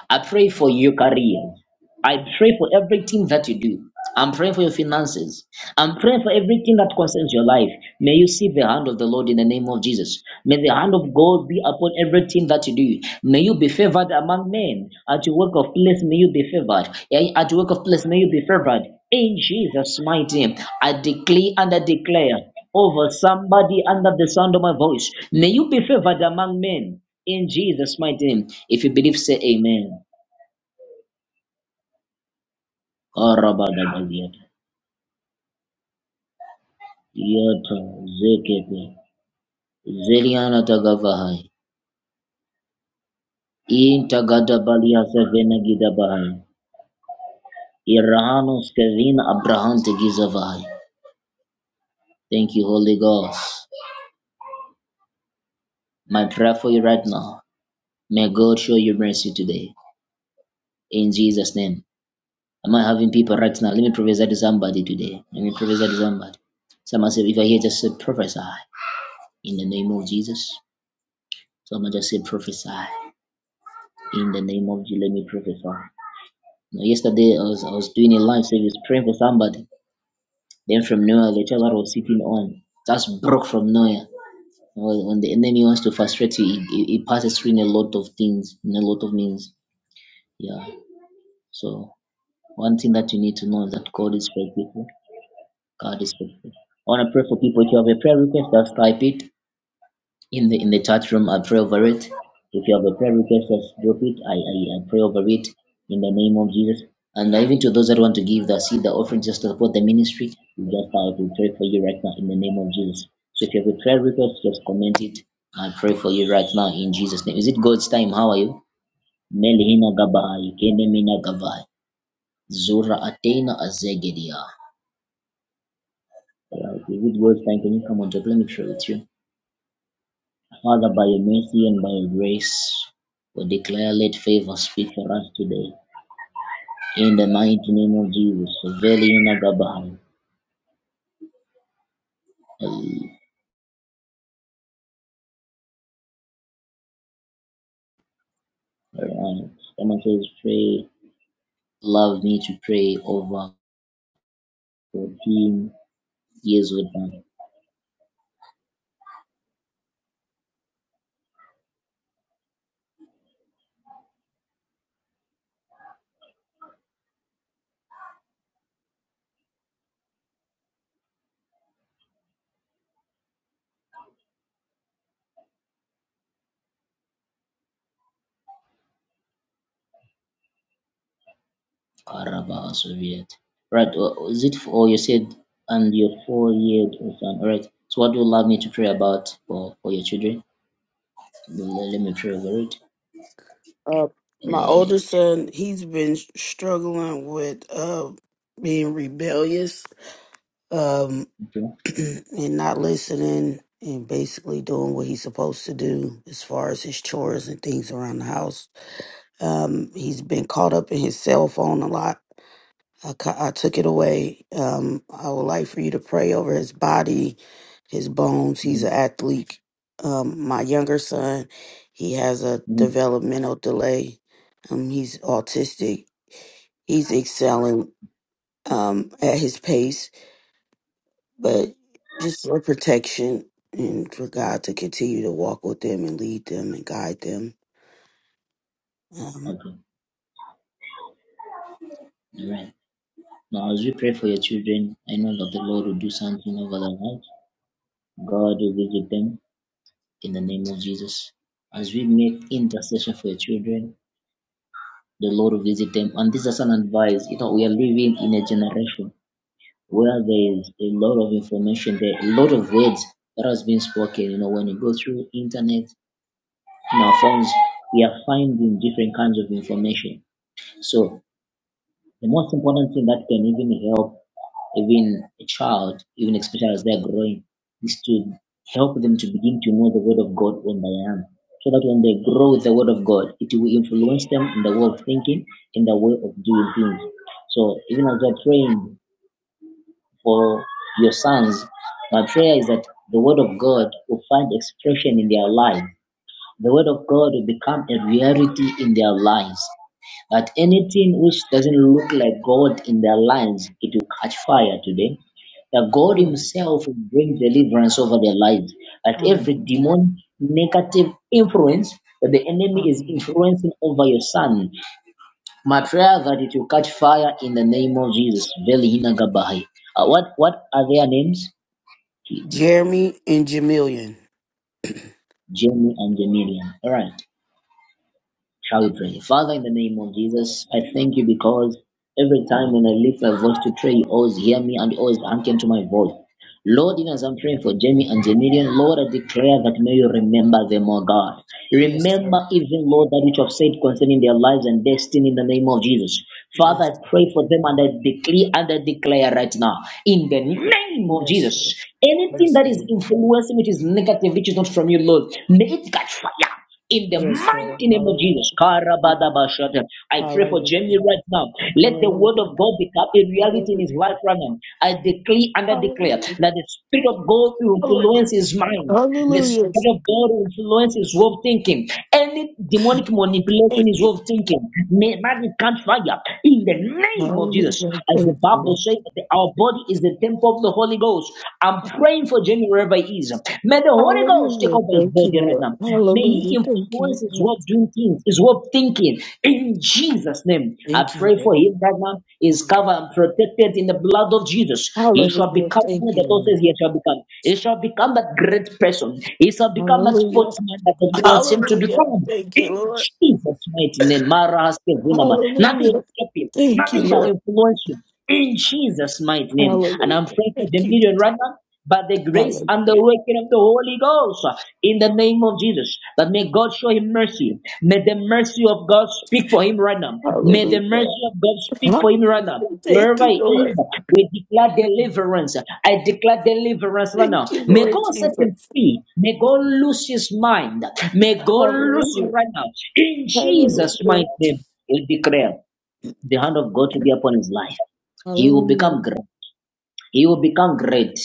[SPEAKER 1] I pray for your career. I pray for everything that you do. I'm praying for your finances. I'm praying for everything that concerns your life. May you see the hand of the Lord in the name of Jesus. May the hand of God be upon everything that you do. May you be favored among men. At your work of place, may you be favored. Eh, At your work of place, may you be favored. In Jesus' mighty name, I declare and I declare over somebody under the sound of my voice. May you be favored among men. In Jesus' mighty name. If you believe, say amen. Yata zekepe zeliana tagavahai in tagada balia sevena gidabahai irahano Kevin, abraham tegizavahai. Thank you, Holy Ghost. My prayer for you right now. May God show you mercy today. In Jesus' name. Am I having people right now? Let me prophesy to somebody today. Let me prophesy to somebody. Someone said, if I hear, just say prophesy in the name of Jesus. Someone just say prophesy in the name of Jesus. Let me prophesy Now, yesterday I was I was doing a live service praying for somebody. Then from nowhere the child that I was sitting on just broke from nowhere. When when the enemy wants to frustrate you, it, it, it passes through in a lot of things, in a lot of means. Yeah. So one thing that you need to know is that God is faithful. God is faithful. I want to pray for people. If you have a prayer request, just type it. in the in the chat room. I pray over it. If you have a prayer request, just drop it. I, I, I pray over it in the name of Jesus. And even to those that want to give the seed, the offering, just to support the ministry, we just I will pray for you right now in the name of Jesus. So if you have a prayer request, just comment it. I pray for you right now in Jesus' name. Is it God's time? How are you? Melina Gabai, Kenemina Gabai, Zura Atena Azegedia. Alright, Is it God's time? Can you come on to let me pray with you? Father, by your mercy and by your grace, we declare let favor speak for us today. In the mighty name of Jesus, Veli Nagabal. Alright. Someone says, pray, love me to pray over 14 years with them. Karaba Soviet. Right, or is it, or you said, and your four year old son. Alright, so what do you love me to pray about for, for your children? Let, let me pray over it.
[SPEAKER 3] Uh, my
[SPEAKER 1] Uh,
[SPEAKER 3] older son, he's been struggling with uh, being rebellious um,
[SPEAKER 1] okay.
[SPEAKER 3] [clears throat] and not listening and basically doing what he's supposed to do as far as his chores and things around the house. Um, he's been caught up in his cell phone a lot. I, cu- I took it away. Um, I would like for you to pray over his body, his bones. He's
[SPEAKER 1] Mhm.
[SPEAKER 3] an athlete. Um, my younger son, he has a
[SPEAKER 1] Mhm.
[SPEAKER 3] developmental delay. Um, he's autistic. He's excelling um, at his pace, but just for protection and for God to continue to walk with them and lead them and guide them. Um,
[SPEAKER 1] Okay. All right. Now, as we pray for your children, I know that the Lord will do something over their life. God will visit them in the name of Jesus. As we make intercession for your children, the Lord will visit them. And this is an advice. You know, we are living in a generation where there is a lot of information, there are a lot of words that has been spoken. You know, when you go through internet, in our phones, we are finding different kinds of information. So The most important thing that can even help even a child, even especially as they're growing, is to help them to begin to know the word of God when they are young. So that when they grow with the word of God, it will influence them in the way of thinking, in the way of doing things. So even as you're praying for your sons, my prayer is that the word of God will find expression in their lives the Word of God will become a reality in their lives. That anything which doesn't look like God in their lives, it will catch fire today. That God Himself will bring deliverance over their lives. That every demon negative influence that the enemy is influencing over your son, my prayer that it will catch fire in the name of Jesus. Velihina Gabahi. Uh, what what are their names?
[SPEAKER 3] Jeremy and Jamilian.
[SPEAKER 1] Jamie and Jamilian. All right. Shall we pray? Father, in the name of Jesus, I thank you because every time when I lift my voice to pray, you always hear me and you always hearken to my voice. Lord, even as I'm praying for Jamie and Jamilian, Lord, I declare that may you remember them, O God.
[SPEAKER 3] Yes, Lord.
[SPEAKER 1] Remember even, Lord, that which you have said concerning their lives and destiny in the name of Jesus.
[SPEAKER 3] Yes,
[SPEAKER 1] Father, I pray for them and I decree and I declare right now, in the name of
[SPEAKER 3] yes,
[SPEAKER 1] Jesus,
[SPEAKER 3] Lord.
[SPEAKER 1] anything
[SPEAKER 3] Yes,
[SPEAKER 1] that is
[SPEAKER 3] Lord.
[SPEAKER 1] influencing, which is negative, which is not from you, Lord, may it catch fire in the
[SPEAKER 3] Yes, Lord.
[SPEAKER 1] mighty name of
[SPEAKER 3] Hallelujah.
[SPEAKER 1] Jesus.
[SPEAKER 3] Hallelujah.
[SPEAKER 1] Karabadabashata. I pray for Jamie right now. Let the word
[SPEAKER 3] Hallelujah.
[SPEAKER 1] of God become a reality in
[SPEAKER 3] Hallelujah.
[SPEAKER 1] his life right now. I declare and I declare
[SPEAKER 3] Hallelujah.
[SPEAKER 1] that the Spirit of God will influence
[SPEAKER 3] Hallelujah.
[SPEAKER 1] his mind. The
[SPEAKER 3] Hallelujah.
[SPEAKER 1] Spirit of God will influence his way of thinking. Any demonic
[SPEAKER 3] Thank
[SPEAKER 1] manipulation is way
[SPEAKER 3] you.
[SPEAKER 1] of thinking. May magic catch fire in the name of Jesus.
[SPEAKER 3] Hallelujah.
[SPEAKER 1] As the
[SPEAKER 3] Thank you,
[SPEAKER 1] Bible says, our body is the temple of the Holy Ghost. I'm praying for Jamie wherever he Judaism. May the Holy Ghost take
[SPEAKER 3] Hallelujah.
[SPEAKER 1] over his
[SPEAKER 3] Thank you,
[SPEAKER 1] body right
[SPEAKER 3] Lord.
[SPEAKER 1] now. May
[SPEAKER 3] Hallelujah.
[SPEAKER 1] he
[SPEAKER 3] Thank
[SPEAKER 1] influence
[SPEAKER 3] you,
[SPEAKER 1] his
[SPEAKER 3] Lord.
[SPEAKER 1] way of doing things, his way of thinking. In Jesus' name, I
[SPEAKER 3] Thank you,
[SPEAKER 1] pray for
[SPEAKER 3] Lord.
[SPEAKER 1] him right now. He is covered and protected in the blood of Jesus. He shall
[SPEAKER 3] Hallelujah.
[SPEAKER 1] become
[SPEAKER 3] Thank
[SPEAKER 1] who
[SPEAKER 3] you,
[SPEAKER 1] the Lord
[SPEAKER 3] Lord.
[SPEAKER 1] says he shall become. He shall become that great person. He shall become that
[SPEAKER 3] Hallelujah.
[SPEAKER 1] sportsman that the Lord wants him to
[SPEAKER 3] Hallelujah.
[SPEAKER 1] become.
[SPEAKER 3] Thank you,
[SPEAKER 1] In
[SPEAKER 3] Lord.
[SPEAKER 1] Jesus' mighty name, Mara has given him. nothing
[SPEAKER 3] Hallelujah.
[SPEAKER 1] shall stop him.
[SPEAKER 3] Thank you,
[SPEAKER 1] Nothing shall
[SPEAKER 3] Lord.
[SPEAKER 1] influence him. In Jesus' mighty name. And
[SPEAKER 3] Hallelujah.
[SPEAKER 1] I'm praying for
[SPEAKER 3] Thank
[SPEAKER 1] the
[SPEAKER 3] you.
[SPEAKER 1] million right now by the grace
[SPEAKER 3] Hallelujah.
[SPEAKER 1] and the working of the Holy Ghost uh, in the name of Jesus. That may God show him mercy. May the mercy of God speak for him right now. May the
[SPEAKER 3] Hallelujah.
[SPEAKER 1] mercy of God speak for him right now.
[SPEAKER 3] Hallelujah. Thank
[SPEAKER 1] Wherever
[SPEAKER 3] you,
[SPEAKER 1] he
[SPEAKER 3] Lord.
[SPEAKER 1] is, we declare deliverance. I declare deliverance right
[SPEAKER 3] Thank
[SPEAKER 1] now.
[SPEAKER 3] you,
[SPEAKER 1] May
[SPEAKER 3] Lord
[SPEAKER 1] God set him
[SPEAKER 3] Jesus.
[SPEAKER 1] free. May God lose his mind. May God lose him
[SPEAKER 3] Hallelujah.
[SPEAKER 1] right now. In Jesus' mighty
[SPEAKER 3] Hallelujah.
[SPEAKER 1] name, we declare the hand of God to be upon his life. He will
[SPEAKER 3] Hallelujah.
[SPEAKER 1] become great. He will become great.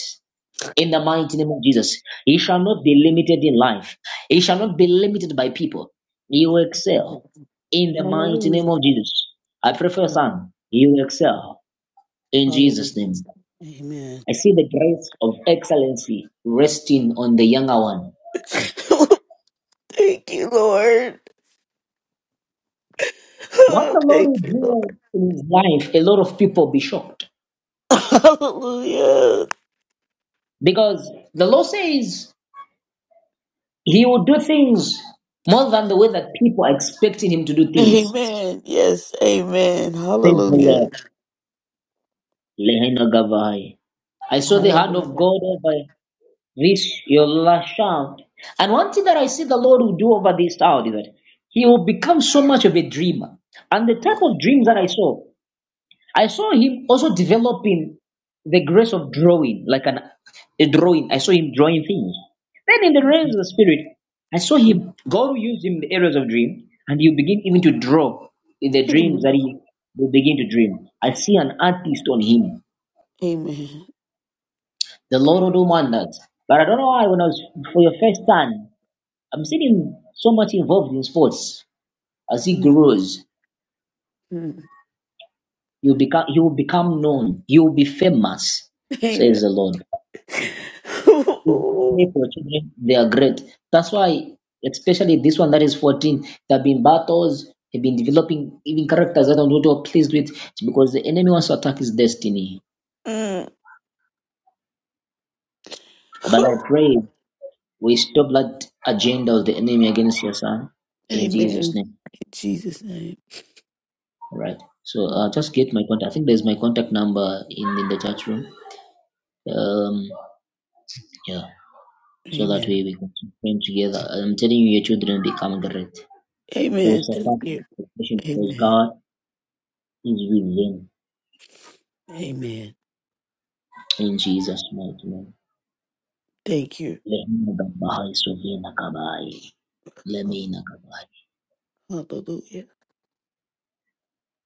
[SPEAKER 1] In the mighty name of Jesus, you shall not be limited in life. You shall not be limited by people. You will excel. In the mighty name
[SPEAKER 3] Hallelujah.
[SPEAKER 1] of Jesus, I pray for your son. You will excel. In Jesus' name,
[SPEAKER 3] Hallelujah. Amen.
[SPEAKER 1] I see the grace of excellency resting on the younger one.
[SPEAKER 3] [laughs] [coughs] Thank you, Lord.
[SPEAKER 1] What
[SPEAKER 3] Oh,
[SPEAKER 1] the Lord
[SPEAKER 3] thank
[SPEAKER 1] will
[SPEAKER 3] you, Lord.
[SPEAKER 1] do in his life, a lot of people be shocked
[SPEAKER 3] [laughs] Hallelujah.
[SPEAKER 1] because the Lord says he will do things more than the way that people are expecting him to do things.
[SPEAKER 3] Amen. Yes. Amen.
[SPEAKER 1] Says the Lord.
[SPEAKER 3] Hallelujah.
[SPEAKER 1] Lehena I saw the hand of
[SPEAKER 3] Hallelujah.
[SPEAKER 1] God over this your last child. And one thing that I see the Lord will do over this child is that he will become so much of a dreamer. And the type of dreams that I saw, I saw him also developing the grace of drawing, like an a drawing. I saw him drawing things. Then in the realms of the spirit, I saw
[SPEAKER 3] Amen.
[SPEAKER 1] him God will use him in the areas of dream, and you begin even to draw in the dreams that
[SPEAKER 3] Amen.
[SPEAKER 1] he will begin to dream. I see an artist on him.
[SPEAKER 3] Amen.
[SPEAKER 1] The Lord will do wonders. But I don't know why when I was for your first son, I'm seeing him so much involved in sports. As he
[SPEAKER 3] Mm.
[SPEAKER 1] grows,
[SPEAKER 3] Mm.
[SPEAKER 1] he will become he will become known. He will be famous, says
[SPEAKER 3] Amen.
[SPEAKER 1] the Lord.
[SPEAKER 3] [laughs]
[SPEAKER 1] Pray for children, they are great. That's why, especially this one that is 14, there have been battles, they've been developing even characters that I'm not all pleased with It's because the enemy wants to attack his destiny.
[SPEAKER 3] Mm.
[SPEAKER 1] But I pray we stop that agenda of the enemy against your son in
[SPEAKER 3] Amen.
[SPEAKER 1] Jesus'
[SPEAKER 3] In
[SPEAKER 1] name.
[SPEAKER 3] Jesus' name.
[SPEAKER 1] All right. So uh, just get my contact. I think there's my contact number in, in the chat room. Um, yeah. So that way
[SPEAKER 3] Amen.
[SPEAKER 1] we can train together. I'm telling you, your children become great. They will
[SPEAKER 3] Amen. Thank
[SPEAKER 1] surpass
[SPEAKER 3] you.
[SPEAKER 1] expectation because
[SPEAKER 3] Amen.
[SPEAKER 1] God is with them.
[SPEAKER 3] Amen.
[SPEAKER 1] In Jesus' mighty name.
[SPEAKER 3] Thank you.
[SPEAKER 1] Lehina Gabai, Sovina Gabai, Lemina Gabai.
[SPEAKER 3] Hallelujah.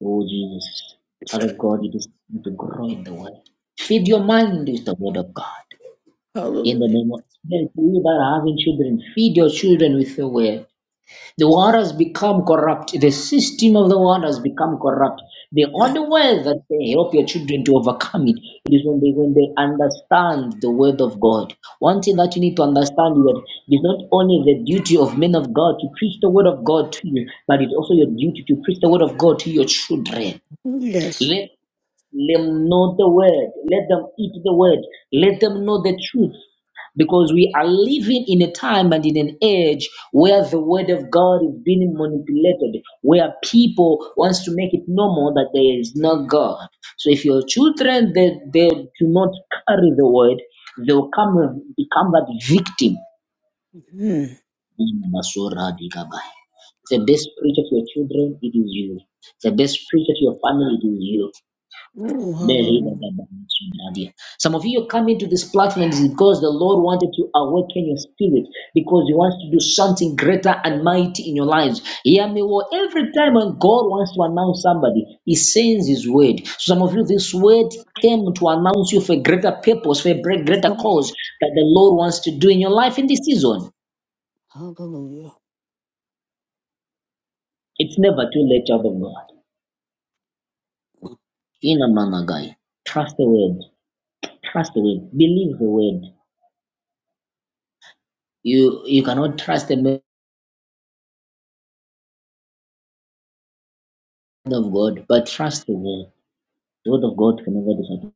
[SPEAKER 1] Oh Jesus, child of God, it is time to grow in the word. Feed your mind with the word of God. In the
[SPEAKER 3] Hallelujah.
[SPEAKER 1] name of Spirit, you that are having children, feed your children with the word The world has become corrupt. The system of the world has become corrupt. The only way that they help your children to overcome it is when they when they understand the word of God. One thing that you need to understand is that it is not only the duty of men of God to preach the word of God to you, but it's also your duty to preach the word of God to your children.
[SPEAKER 3] Yes.
[SPEAKER 1] Let them know the word. Let them eat the word. Let them know the truth because we are living in a time and in an age where the word of god is being manipulated where people wants to make it normal that there is no god so if your children they, they do not carry the word they will come become that victim
[SPEAKER 3] Mm-hmm.
[SPEAKER 1] the best preacher to your children it is you the best preacher to your family it is you
[SPEAKER 3] Ooh, hallelujah.
[SPEAKER 1] some of you are coming to this platform is because the Lord wanted to awaken your spirit because He wants to do something greater and mighty in your lives. Hear me well. Every time when God wants to announce somebody, He sends His word. Some of you, this word came to announce you for a greater purpose, for a greater
[SPEAKER 3] Come on.
[SPEAKER 1] cause that the Lord wants to do in your life in this season.
[SPEAKER 3] Hallelujah.
[SPEAKER 1] It's never too late, child of God. In a manner, guy, trust the word. Trust the word. Believe the word. You you cannot trust the man. of God, but trust the Word. The word of God can never disappoint.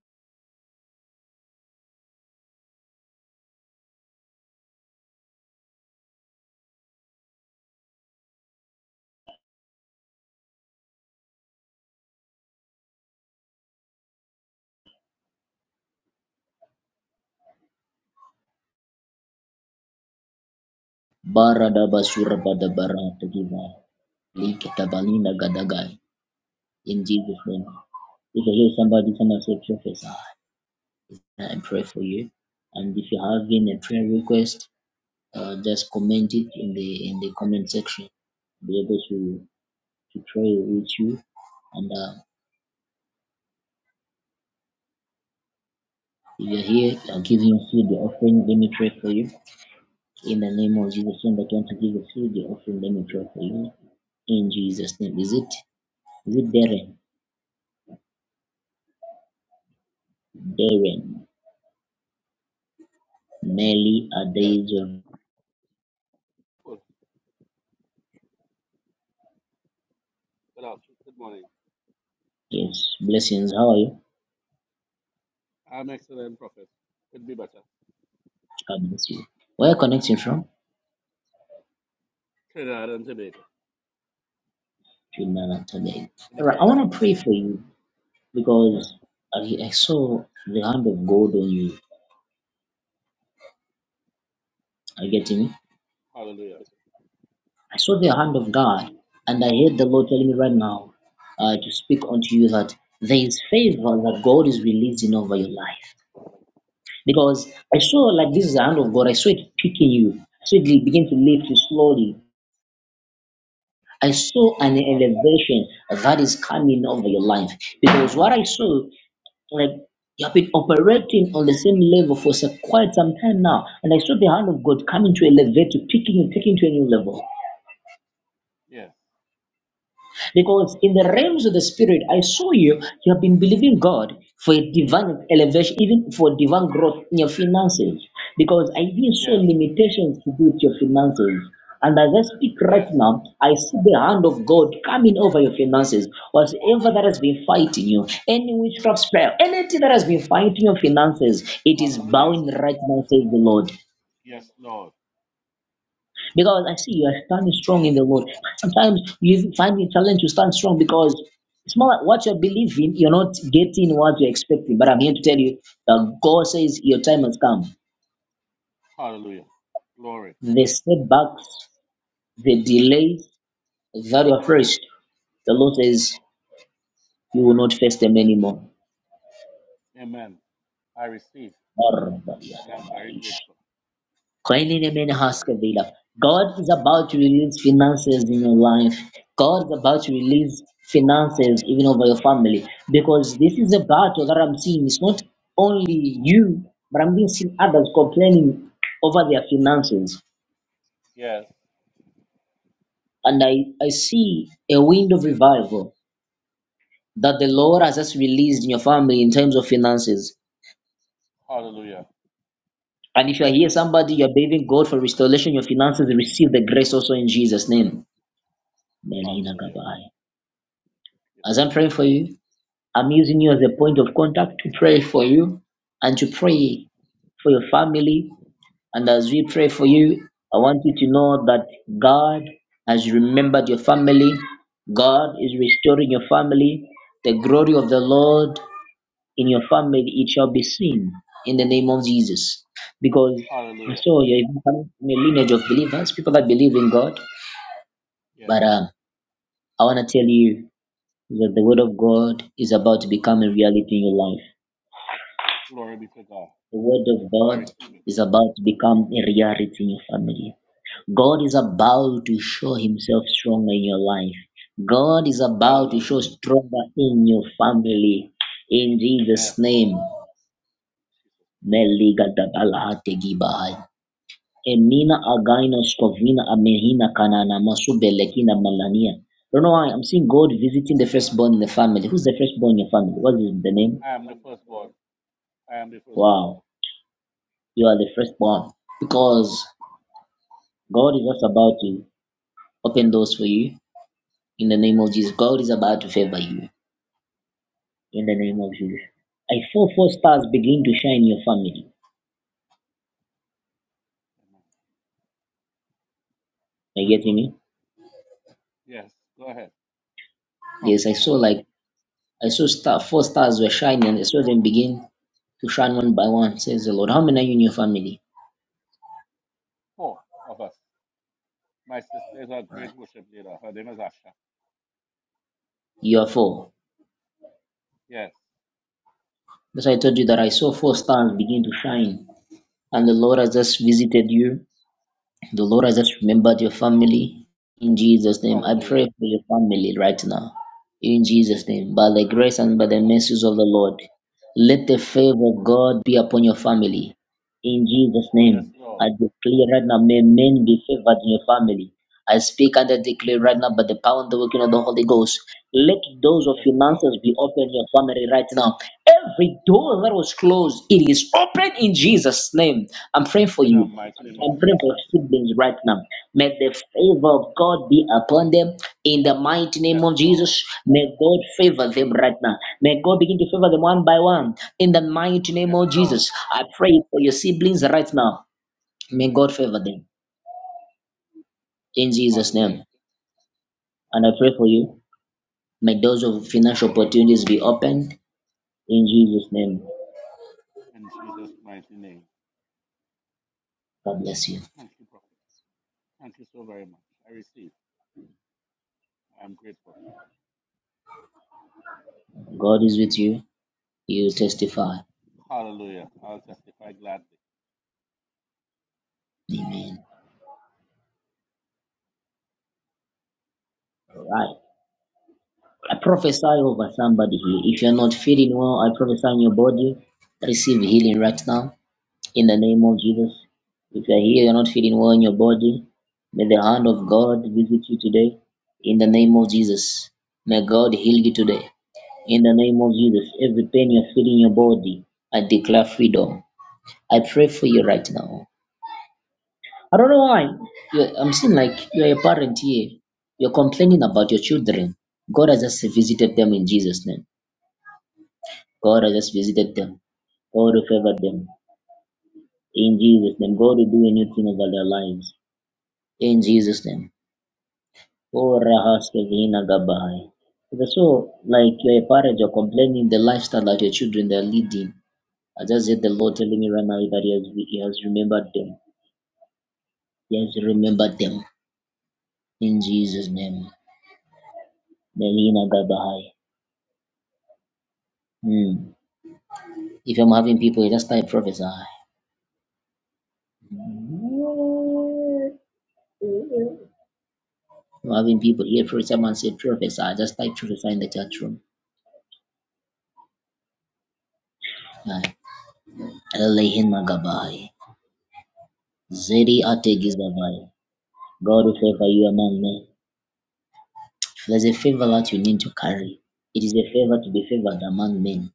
[SPEAKER 1] Barada basura bada bara tagiva. Likita balina gadagai. In Jesus' name. If you hear somebody, someone say prophesy. I pray for you. And if you have any prayer request, uh, just comment it in the in the comment section. Be able to to pray with you. And uh, if you're here, I'll give you the offering. Let me pray for you. In the name of Jesus, Lord, I want to give a few the offering. Let me pray for you. In Jesus' name. Is it is it Darren? Darren. Nelly
[SPEAKER 4] Yes, of
[SPEAKER 1] Adejo.
[SPEAKER 4] course. Good afternoon. Good morning.
[SPEAKER 1] Yes. Blessings. How are you?
[SPEAKER 4] I'm excellent, Prophet. Could be better.
[SPEAKER 1] God bless you. Where are you connecting from?
[SPEAKER 4] Trinidad and Tobago
[SPEAKER 1] Trinidad today.
[SPEAKER 4] in the
[SPEAKER 1] Alright, I
[SPEAKER 4] Caribbean.
[SPEAKER 1] want to pray for you because I, I saw the hand of God on you. Are you getting me?
[SPEAKER 4] Hallelujah.
[SPEAKER 1] I saw the hand of God and I heard the Lord telling me right now uh, to speak unto you that there is favor that God is releasing over your life. because I saw like this is the hand of God. I saw it picking you. I saw it begin to lift you slowly. I saw an
[SPEAKER 4] Hallelujah.
[SPEAKER 1] elevation that is coming over your life because what I saw, like you have been operating on the same level for so- quite some time now, and I saw the hand of God coming to elevate, to picking you, taking you to a new level.
[SPEAKER 4] Yes.
[SPEAKER 1] Because in the
[SPEAKER 4] Amen.
[SPEAKER 1] realms of the spirit, I saw you, you have been believing God for a divine elevation, even for divine growth in your finances. Because I didn't saw
[SPEAKER 4] Yes.
[SPEAKER 1] limitations to do with your finances. And as I speak right
[SPEAKER 4] Yes.
[SPEAKER 1] now, I see the hand of God coming over your finances. Whatever that has been fighting you, any witchcraft spell, anything that has been fighting your finances, it is
[SPEAKER 4] Hallelujah.
[SPEAKER 1] bowing right now, says the Lord.
[SPEAKER 4] Yes, Lord.
[SPEAKER 1] Because I see you are standing strong in the Lord. Sometimes you find it challenge to stand strong because it's more like what you're believing, you're not getting what you're expecting. But I'm here to tell you that God says your time has come.
[SPEAKER 4] Hallelujah. Glory.
[SPEAKER 1] The setbacks, the delays that you're faced, the Lord says you will not face them anymore.
[SPEAKER 4] Amen. I receive, and I'm very grateful.
[SPEAKER 1] Koinonia
[SPEAKER 4] Hallelujah.
[SPEAKER 1] Haskavila. God is about to release finances in your life. God is about to release finances even over your family because this is a battle that I'm seeing. It's not only you, but I'm even seeing others complaining over their finances.
[SPEAKER 4] Yes.
[SPEAKER 1] And I, I see a wind of revival that the Lord has just released in your family in terms of finances.
[SPEAKER 4] Hallelujah.
[SPEAKER 1] And if
[SPEAKER 4] It
[SPEAKER 1] you are
[SPEAKER 4] is
[SPEAKER 1] here,
[SPEAKER 4] true.
[SPEAKER 1] somebody, you're believing God for restoration, your finances, receive the grace also in Jesus' name. Melina
[SPEAKER 4] Hallelujah.
[SPEAKER 1] Gabai. As I'm praying for you, I'm using you as a point of contact to pray for you and to pray for your family. And as we
[SPEAKER 4] Yes,
[SPEAKER 1] pray for
[SPEAKER 4] Lord.
[SPEAKER 1] you, I want you to know that God has remembered your family. God is restoring your family. The glory of the
[SPEAKER 4] Glory. be-
[SPEAKER 1] Lord in your family, it shall be seen in the name of Jesus. Because I
[SPEAKER 4] Hallelujah.
[SPEAKER 1] saw you're even coming from a lineage of believers, people that believe in God.
[SPEAKER 4] Yes.
[SPEAKER 1] But um, I want to tell you that the Word of God is about to become a reality in your life.
[SPEAKER 4] Glory be to God.
[SPEAKER 1] The Word of
[SPEAKER 4] I
[SPEAKER 1] God
[SPEAKER 4] receive it.
[SPEAKER 1] is about to become a reality in your family. God is about to show Himself stronger in your life. God is about to
[SPEAKER 4] Hallelujah.
[SPEAKER 1] show stronger in your family. In
[SPEAKER 4] Yes.
[SPEAKER 1] Jesus' name. Meligadabalahatigibai. Emina againos kovina amehina kanana masubelekina malania. Don't know why I'm seeing God visiting the firstborn in the family. Who's the firstborn in your family? What is the name?
[SPEAKER 4] I am the firstborn. I am the firstborn.
[SPEAKER 1] Wow. You are the firstborn because God is just about to open doors for you in the name of Jesus. God is about to favor you in the name of Jesus. I saw four stars begin to shine in your family.
[SPEAKER 4] Amen.
[SPEAKER 1] Are you getting me?
[SPEAKER 4] Yes, go ahead.
[SPEAKER 1] Yes, I
[SPEAKER 4] Prophesy.
[SPEAKER 1] saw like I saw star four stars were shining. and I saw them begin to shine one by one. Says the Lord. How many are you in your family?
[SPEAKER 4] Four of us. My sister is a
[SPEAKER 1] Right.
[SPEAKER 4] great worship leader. Her name is Asha.
[SPEAKER 1] You are four.
[SPEAKER 4] Yes.
[SPEAKER 1] That's why I told you that I saw four stars begin to shine, and the Lord has just visited you The Lord has just remembered your family. In Jesus' name, I
[SPEAKER 4] Hallelujah.
[SPEAKER 1] pray for your family right now. In Jesus' name, by the grace
[SPEAKER 4] Praise be
[SPEAKER 1] and by
[SPEAKER 4] to
[SPEAKER 1] the
[SPEAKER 4] God.
[SPEAKER 1] mercies of the Lord, let the favor of God be upon your family. In Jesus'
[SPEAKER 4] Oh, yes,
[SPEAKER 1] name,
[SPEAKER 4] Lord.
[SPEAKER 1] I declare right now, may men be favored in your family. I speak and I declare right now by the power and the working of the Holy Ghost. Let doors of
[SPEAKER 4] Yes, Lord.
[SPEAKER 1] finances be open in your family right now. Every door that was closed, it is open in Jesus' name. I'm praying for
[SPEAKER 4] In the
[SPEAKER 1] you
[SPEAKER 4] mighty name of
[SPEAKER 1] and pray
[SPEAKER 4] Jesus.
[SPEAKER 1] for siblings right now. May the favor of God be upon them in the mighty name
[SPEAKER 4] Yes,
[SPEAKER 1] of
[SPEAKER 4] Lord.
[SPEAKER 1] Jesus. May God favor them right now. May God begin to favor them one by one in the mighty name
[SPEAKER 4] Yes,
[SPEAKER 1] of
[SPEAKER 4] Lord.
[SPEAKER 1] Jesus. I pray for your siblings right now. May God favor them in Jesus'
[SPEAKER 4] Hallelujah.
[SPEAKER 1] name. And I pray for you. May doors of financial opportunities be opened in Jesus' name.
[SPEAKER 4] In Jesus' mighty name.
[SPEAKER 1] God bless you.
[SPEAKER 4] Thank you, prophet. Thank you so very much. I receive. I'm grateful.
[SPEAKER 1] God is with you. You testify.
[SPEAKER 4] Hallelujah. I'll testify gladly.
[SPEAKER 1] Amen. All right. I prophesy over somebody here. If you're not feeling well, I prophesy on your body. Receive healing right now in the name of Jesus. If you're here, you're not feeling well in your body, may the hand of God visit you today in the name of Jesus. May God heal you today in the name of Jesus. Every pain you're feeling in your body, I declare freedom. I pray for you right now. I don't know why. You're, I'm seeing like you're a parent here. You're complaining about your children. God has just visited them in Jesus' name. God has just visited them. God has favored them. In Jesus' name, God will do a new thing over their lives. In Jesus' name. Oh, Rahaske Vina Gabai. So, like you're a parent, you're complaining the lifestyle that your children are leading. I just heard the Lord telling me right now that He has, he has remembered them. He has remembered them. In Jesus' name. Melina Gabai. Hmm. If I'm having people, you just type prophesy. I'm having people here, for someone say prophesy. Just type prophesy in the chat room. Aye. Elohim Magabai. Zedi Ategizavai. God will favor you among men. If there's a favor that you need to carry, it is a favor to be favored among men.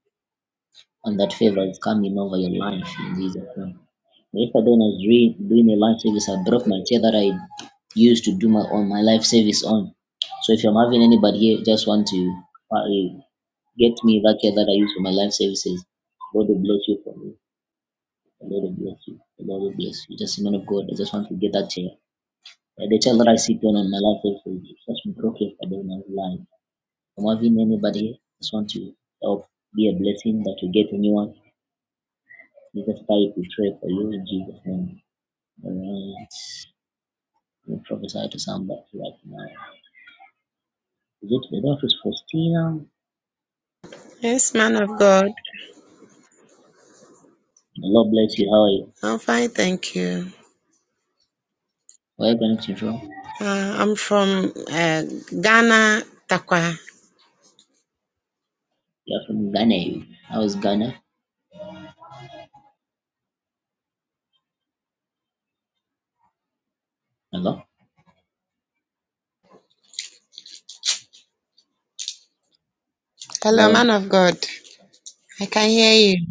[SPEAKER 1] And that favor is coming over your life in Jesus' name. Yesterday when I was re- doing a life service, I broke my chair that I used to do my on my life service on. So if I'm having anybody here who just want to uh, get me that chair that I use for my life services, God will bless you for me. The Lord will bless you. The Lord will bless you. Just a man of God, I just want to get that chair. Uh, the child that I see pain in my life is such me broken for them in life. I'm having anybody just want to help be a blessing that you get anyone. Jesus Christ, we pray for you in Jesus' name. Alright. We prophesy to somebody right now. Is it the doctor's Faustina?
[SPEAKER 5] Yes, man of God.
[SPEAKER 1] The Lord bless you. How are you?
[SPEAKER 5] I'm fine, thank you.
[SPEAKER 1] Where are you connecting from?
[SPEAKER 5] Uh, I'm from uh, Ghana, Takwa.
[SPEAKER 1] You're from Ghana. How is Ghana? Hello?
[SPEAKER 5] Hello, man
[SPEAKER 1] Hello?
[SPEAKER 5] of God. I can hear you.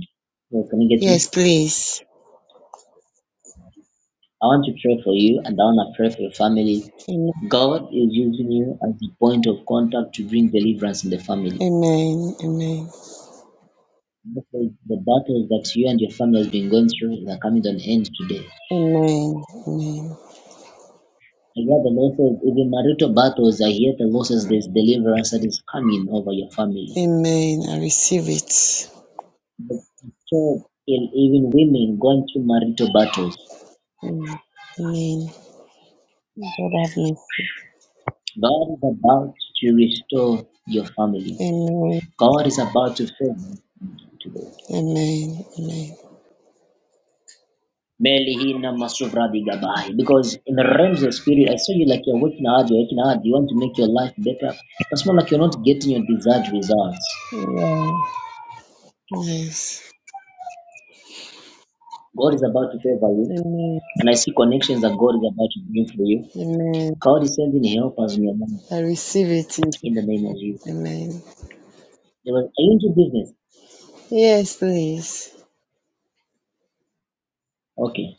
[SPEAKER 1] Yes, can you get me?
[SPEAKER 5] Yes, please.
[SPEAKER 1] I want to pray for you and I want to pray for your family.
[SPEAKER 5] Amen.
[SPEAKER 1] God is using you as the point of contact to bring deliverance in the family.
[SPEAKER 5] Amen. Amen.
[SPEAKER 1] Therefore, The battles that you and your family has been going through are coming to an end today.
[SPEAKER 5] Amen. Amen.
[SPEAKER 1] And where the Lord says, even marital battles are here, the Lord says there's deliverance that is coming over your family.
[SPEAKER 5] Amen. I receive it.
[SPEAKER 1] But so, in- even women going through marital battles,
[SPEAKER 5] Mm. Amen. God have me.
[SPEAKER 1] God is about to restore your family.
[SPEAKER 5] Amen.
[SPEAKER 1] God is about to save you today.
[SPEAKER 5] Amen. Amen.
[SPEAKER 1] Melihina masuvra digabai. Because in the realms of spirit, I saw you like you're working hard, you're working hard, you want to make your life better. It's more like you're not getting your desired results.
[SPEAKER 5] Yeah. Yes.
[SPEAKER 1] God is about to favor you,
[SPEAKER 5] Amen.
[SPEAKER 1] and I see connections that God is about to bring for you.
[SPEAKER 5] Amen.
[SPEAKER 1] God is sending helpers in your mind
[SPEAKER 5] I receive it. in
[SPEAKER 1] in
[SPEAKER 5] Jesus-
[SPEAKER 1] the name of you.
[SPEAKER 5] Amen.
[SPEAKER 1] They were, are you into business?
[SPEAKER 5] Yes, please.
[SPEAKER 1] Okay.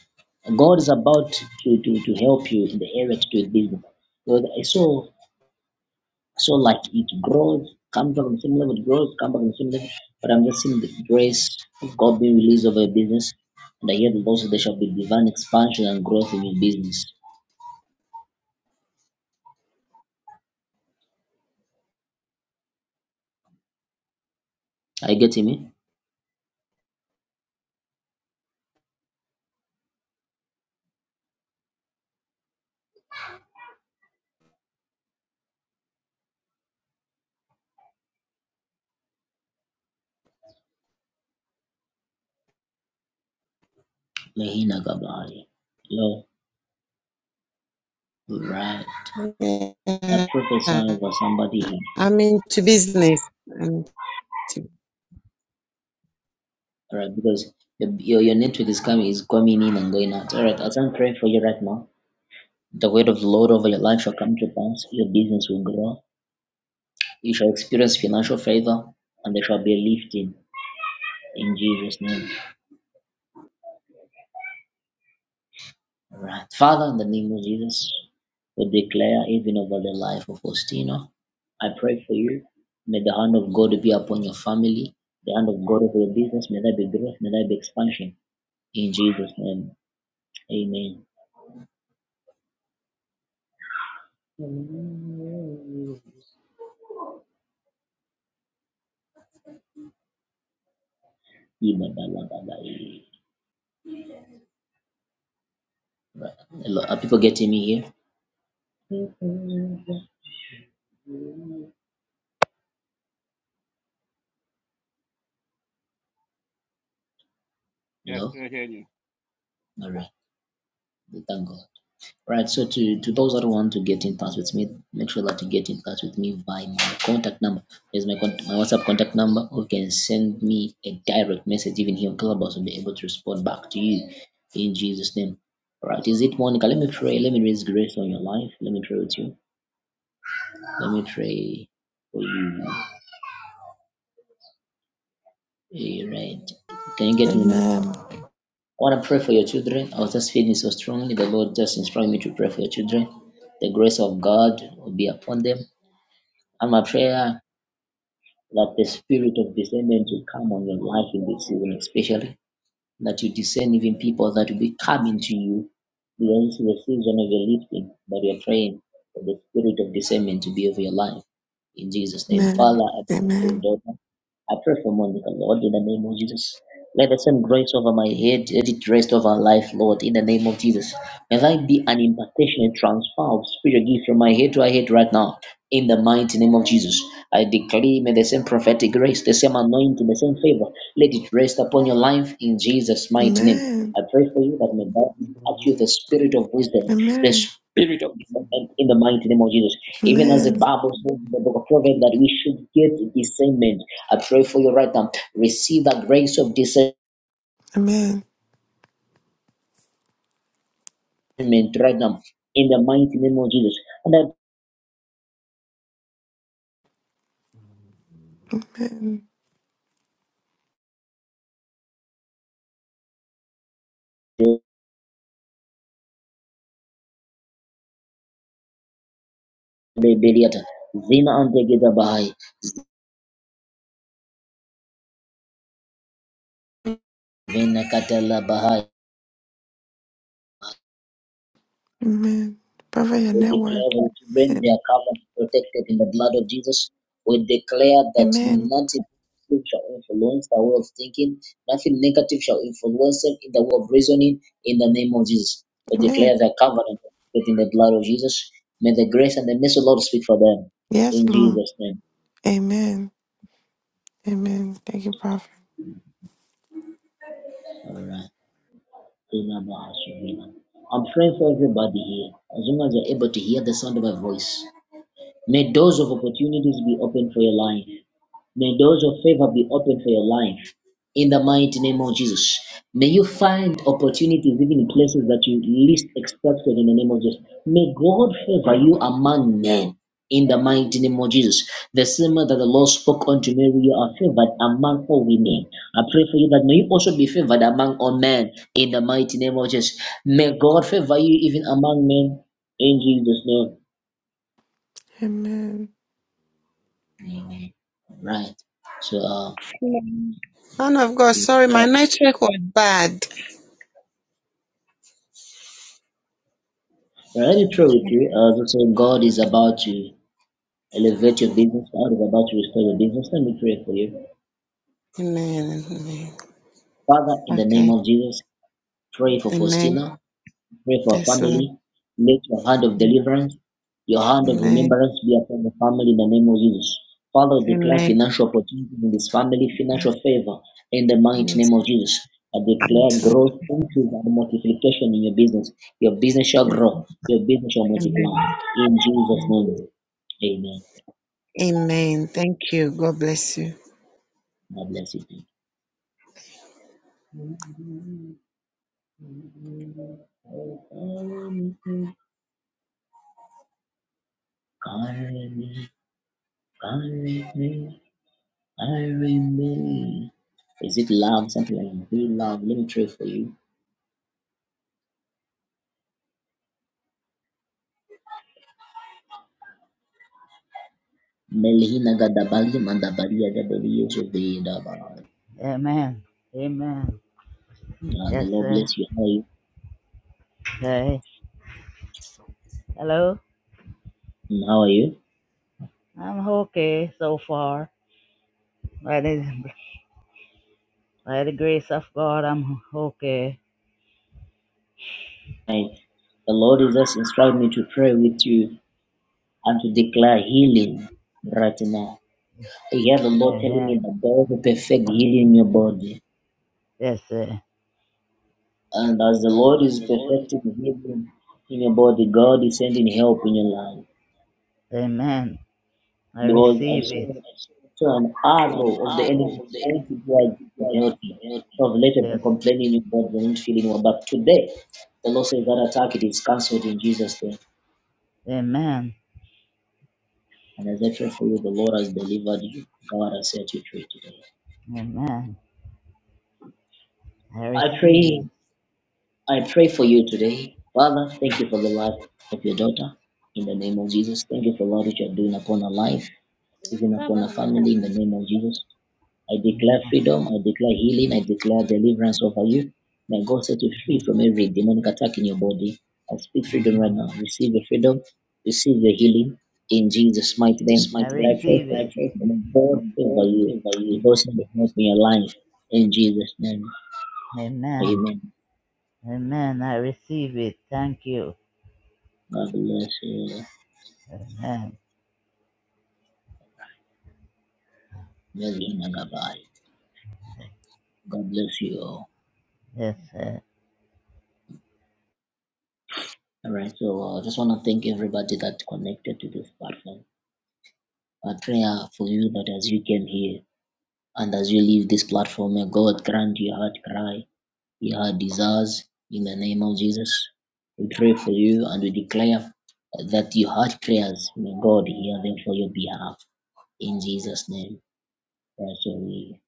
[SPEAKER 1] God is about to, to, to help you in the area to do business. Because I saw So like it grows, comes back on the same level, it grows, comes back on the same level. But I'm just seeing the grace of God being released over your business. And I hear the Lord also there shall be divine expansion and growth in your business. Are you getting me? Lehina Gabari. Lord, right.
[SPEAKER 5] Yeah.
[SPEAKER 1] I prophesy over somebody here.
[SPEAKER 5] I'm into business. I'm into-
[SPEAKER 1] Alright, because your, your your network is coming is coming in and going out. Alright, as I'm praying for you right now, the word of the Lord over your life shall come to pass. Your business will grow. You shall experience financial favor and there shall be a lifting. In Jesus' name. All right. Father, in the name of Jesus, we declare even over the life of Faustino. I pray for you. May the hand of God be upon your family, the hand of God over your business. May there be growth, may there be expansion. In Jesus' name. Amen. Ibadalabadai. Right. Hello. Are people getting me here?
[SPEAKER 4] Yes,
[SPEAKER 1] Hello?
[SPEAKER 4] we're hearing you.
[SPEAKER 1] All right. We Thank God. Right. So to, to those that want to get in touch with me, make sure that you get in touch with me by my contact number. There's my con- my WhatsApp contact number. Or you can send me a direct message even here on Clubhouse will be able to respond back to you in Jesus' name. All right. Is it Monica? Let me pray. Let me raise grace on your life. Let me pray with you. Let me pray for you. All right. Can you get me? Mo-
[SPEAKER 2] Amen.
[SPEAKER 1] I want to pray for your children. I was just feeling so strongly. The Lord just instructed me to pray for your children. The grace of God will be upon them And my prayer that the spirit of discernment will come on your life in this season, especially that you discern even people that will be coming to you because this is the season of your lifting. But we are praying for the spirit of discernment to be over your life. In Jesus' name,
[SPEAKER 2] Amen.
[SPEAKER 1] Father, I pray for your
[SPEAKER 2] Amen.
[SPEAKER 1] daughter. I pray for Monica, Lord, in the name of Jesus. Let the same grace over my head, let it rest over her life, Lord, in the name of Jesus. May I be an impartation and transfer of spiritual gift from my head to her head right now. In the mighty name of Jesus, I decree may the same prophetic grace, the same anointing, the same favor, let it rest upon your life in Jesus' mighty name.
[SPEAKER 2] Amen.
[SPEAKER 1] I pray for you that may God impart you the spirit of wisdom, the
[SPEAKER 2] Amen. Amen.
[SPEAKER 1] spirit of discernment in the mighty name of Jesus. Even as the Bible says in the book of Proverbs that we should get discernment. I pray for you right now. Receive the grace of discernment
[SPEAKER 2] Amen.
[SPEAKER 1] right now in the mighty name of Jesus. And
[SPEAKER 2] Amen.
[SPEAKER 1] I pray, Zina and Bahai, Vena Katala Bahai.
[SPEAKER 2] Amen. Cover your
[SPEAKER 1] We
[SPEAKER 2] network.
[SPEAKER 1] declare our children,
[SPEAKER 2] Amen.
[SPEAKER 1] they are covered and protected in the blood of Jesus. We declare that
[SPEAKER 2] Amen.
[SPEAKER 1] nothing negative shall influence their way of thinking, nothing negative shall influence them in the way of reasoning in the name of Jesus. We
[SPEAKER 2] Amen.
[SPEAKER 1] declare their covenant within the blood of Jesus. May the grace and the mercy of the Lord speak for them.
[SPEAKER 2] Yes,
[SPEAKER 1] In
[SPEAKER 2] Lord.
[SPEAKER 1] Jesus' name.
[SPEAKER 2] Amen. Amen. Thank you, Prophet.
[SPEAKER 1] Alright. Remember us, remember. I'm praying for everybody here. As long as you're able to hear the sound of my voice. May doors of opportunities be open for your life. May doors of favor be opened for your life in the mighty name of Jesus. May you find opportunities even in places that you least expected in the name of Jesus. May God favor you among men in the mighty name of Jesus. The same way that the Lord spoke unto Mary, you are favored among all women. I pray for you that may you also be favored among all men in the mighty name of Jesus. May God favor you even among men in Jesus' name.
[SPEAKER 2] Amen.
[SPEAKER 1] Amen. Right. So,
[SPEAKER 5] Amen. of God, sorry,
[SPEAKER 1] uh,
[SPEAKER 5] my network was bad.
[SPEAKER 1] Very true with you. I would say God is about to elevate your business. God is about to restore your business. Let me pray for you.
[SPEAKER 5] Amen. Amen.
[SPEAKER 1] Father, in the name
[SPEAKER 5] Okay.
[SPEAKER 1] of Jesus, pray for
[SPEAKER 5] Amen.
[SPEAKER 1] Faustina. Pray for her
[SPEAKER 5] Yes, Lord.
[SPEAKER 1] family. Let your hand of deliverance, your hand of
[SPEAKER 5] Amen.
[SPEAKER 1] remembrance be upon the family in the name of Jesus. Father, declare
[SPEAKER 5] Amen.
[SPEAKER 1] financial opportunity in this family, financial favor in the mighty
[SPEAKER 5] Yes.
[SPEAKER 1] name of Jesus. I declare
[SPEAKER 5] Yes, Lord.
[SPEAKER 1] growth, increase, and multiplication in your business. Your business shall
[SPEAKER 5] Yes. Lord.
[SPEAKER 1] grow. Your business shall multiply.
[SPEAKER 5] Amen.
[SPEAKER 1] In Jesus' name, amen.
[SPEAKER 5] Amen. Thank you. God bless you.
[SPEAKER 1] God bless you. too. Carry me, carry me, carry me. Is it love? Something like that. Be love. Let me pray for you. Melhina gadabali mandabali gadabali yeshuvei dabai.
[SPEAKER 6] Amen. Amen.
[SPEAKER 1] Uh, The
[SPEAKER 6] Yes,
[SPEAKER 1] Lord
[SPEAKER 6] sir.
[SPEAKER 1] bless you. How are you?
[SPEAKER 6] Okay. Hello.
[SPEAKER 1] Mm, How are you?
[SPEAKER 6] I'm okay so far. By the, by the grace of God, I'm okay.
[SPEAKER 1] Hi. The Lord is just instructing me to pray with you and to declare healing right now. I hear the Lord telling me
[SPEAKER 6] Amen.
[SPEAKER 1] that God will perfect healing in your body.
[SPEAKER 6] Yes, sir.
[SPEAKER 1] And as the
[SPEAKER 6] And
[SPEAKER 1] Lord
[SPEAKER 6] as
[SPEAKER 1] is
[SPEAKER 6] the Lord is.
[SPEAKER 1] perfecting healing in your body, God is sending help in your life.
[SPEAKER 6] Amen. I
[SPEAKER 1] Because I
[SPEAKER 6] receive it.
[SPEAKER 1] saw, saw an
[SPEAKER 6] An
[SPEAKER 1] arrow of the
[SPEAKER 6] arrow
[SPEAKER 1] enemy
[SPEAKER 6] of the
[SPEAKER 1] pointing towards the healthy.
[SPEAKER 6] enemy.
[SPEAKER 1] So I've later
[SPEAKER 6] Yes.
[SPEAKER 1] been complaining about the not feeling well. But today, the Lord says that attack it is cancelled in Jesus' name.
[SPEAKER 6] Amen.
[SPEAKER 1] And as I pray for you, the Lord has delivered you. God has set you free today.
[SPEAKER 6] Amen. I
[SPEAKER 1] I
[SPEAKER 6] receive
[SPEAKER 1] pray,
[SPEAKER 6] it.
[SPEAKER 1] I pray for you today. Father, thank you for the life of your daughter. In the name of Jesus, thank you for what you are doing upon her life. even
[SPEAKER 7] Come
[SPEAKER 1] upon our
[SPEAKER 7] on, my cup.
[SPEAKER 1] family in the name of Jesus. I declare
[SPEAKER 6] Amen.
[SPEAKER 1] freedom, I declare healing, I declare deliverance over you. May God set you free from every demonic attack in your body. I speak freedom right now. Receive the freedom, receive the healing in Jesus'
[SPEAKER 6] In
[SPEAKER 1] mighty
[SPEAKER 6] Jesus'
[SPEAKER 1] name.
[SPEAKER 6] mighty name. I
[SPEAKER 1] I pray
[SPEAKER 6] receive it.
[SPEAKER 1] for
[SPEAKER 6] I pray
[SPEAKER 1] may God
[SPEAKER 6] for
[SPEAKER 1] favor
[SPEAKER 6] God
[SPEAKER 1] you.
[SPEAKER 6] favor
[SPEAKER 1] May
[SPEAKER 6] you.
[SPEAKER 1] God send the help in your life in Jesus' name.
[SPEAKER 6] Amen.
[SPEAKER 1] Amen.
[SPEAKER 6] Amen. I receive it. Thank you.
[SPEAKER 1] God bless you.
[SPEAKER 6] Amen.
[SPEAKER 1] God bless you all.
[SPEAKER 6] Yes. uh,
[SPEAKER 1] All right, so I uh, just want to thank everybody that connected to this platform. A prayer for you that as you came here and as you leave this platform, may God grant your heart cry, your heart desires in the name of Jesus. We pray for you and we declare that your heart prayers, may God hear them for your behalf. In Jesus' name, that's all we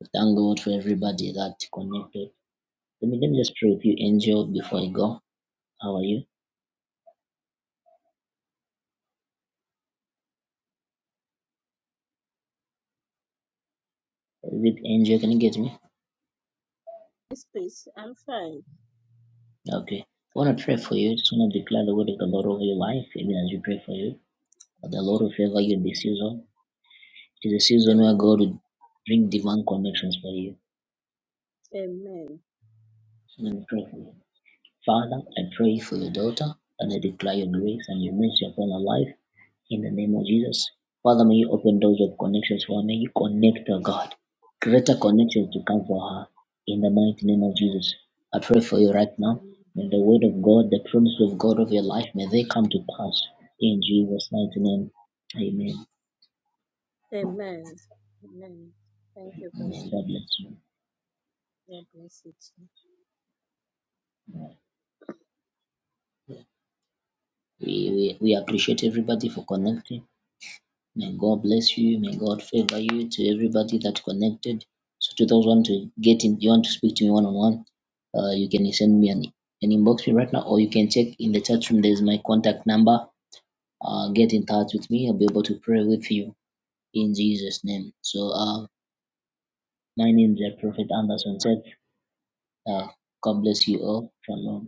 [SPEAKER 1] we thank God for everybody that connected. Let me, let me just pray with you, Angel, before I go. How are you? Is it Angel? Can you get me?
[SPEAKER 7] This place, I'm fine.
[SPEAKER 1] Okay. I want
[SPEAKER 7] Thank
[SPEAKER 1] to pray
[SPEAKER 7] you.
[SPEAKER 1] for you. Just want to declare the word of the Lord over your life, even as we pray for you. But the
[SPEAKER 7] Amen.
[SPEAKER 1] Lord will favor you this
[SPEAKER 7] Amen.
[SPEAKER 1] season. It is a season where God will bring divine connections for you.
[SPEAKER 7] Amen.
[SPEAKER 1] So Let me pray for you. Father, I pray for your daughter and I declare your grace and your mercy upon her life in the name of Jesus. Father, may you open doors of connections for her. May you connect her, God. Greater connections to come for her in the mighty name of Jesus. I pray for you right now.
[SPEAKER 7] Amen.
[SPEAKER 1] May the word of God, the promise of God of your life, may they come to pass in Jesus' mighty name. Amen.
[SPEAKER 7] Amen. Amen. Thank you,
[SPEAKER 1] Amen.
[SPEAKER 7] Pastor.
[SPEAKER 1] God bless you.
[SPEAKER 7] God bless you. too.
[SPEAKER 1] We, we, we appreciate everybody for connecting. May God bless you. May God favor you to everybody that connected. So to those want to get in, you want to speak to me one on one, uh, you can send me an, an inbox me right now, or you can check in the chat room. There's my contact number. Uh, get in touch with me. I'll be able to pray with you in Jesus' name. So uh, my name is Prophet Anderson. Said, uh, God bless you all. Shalom.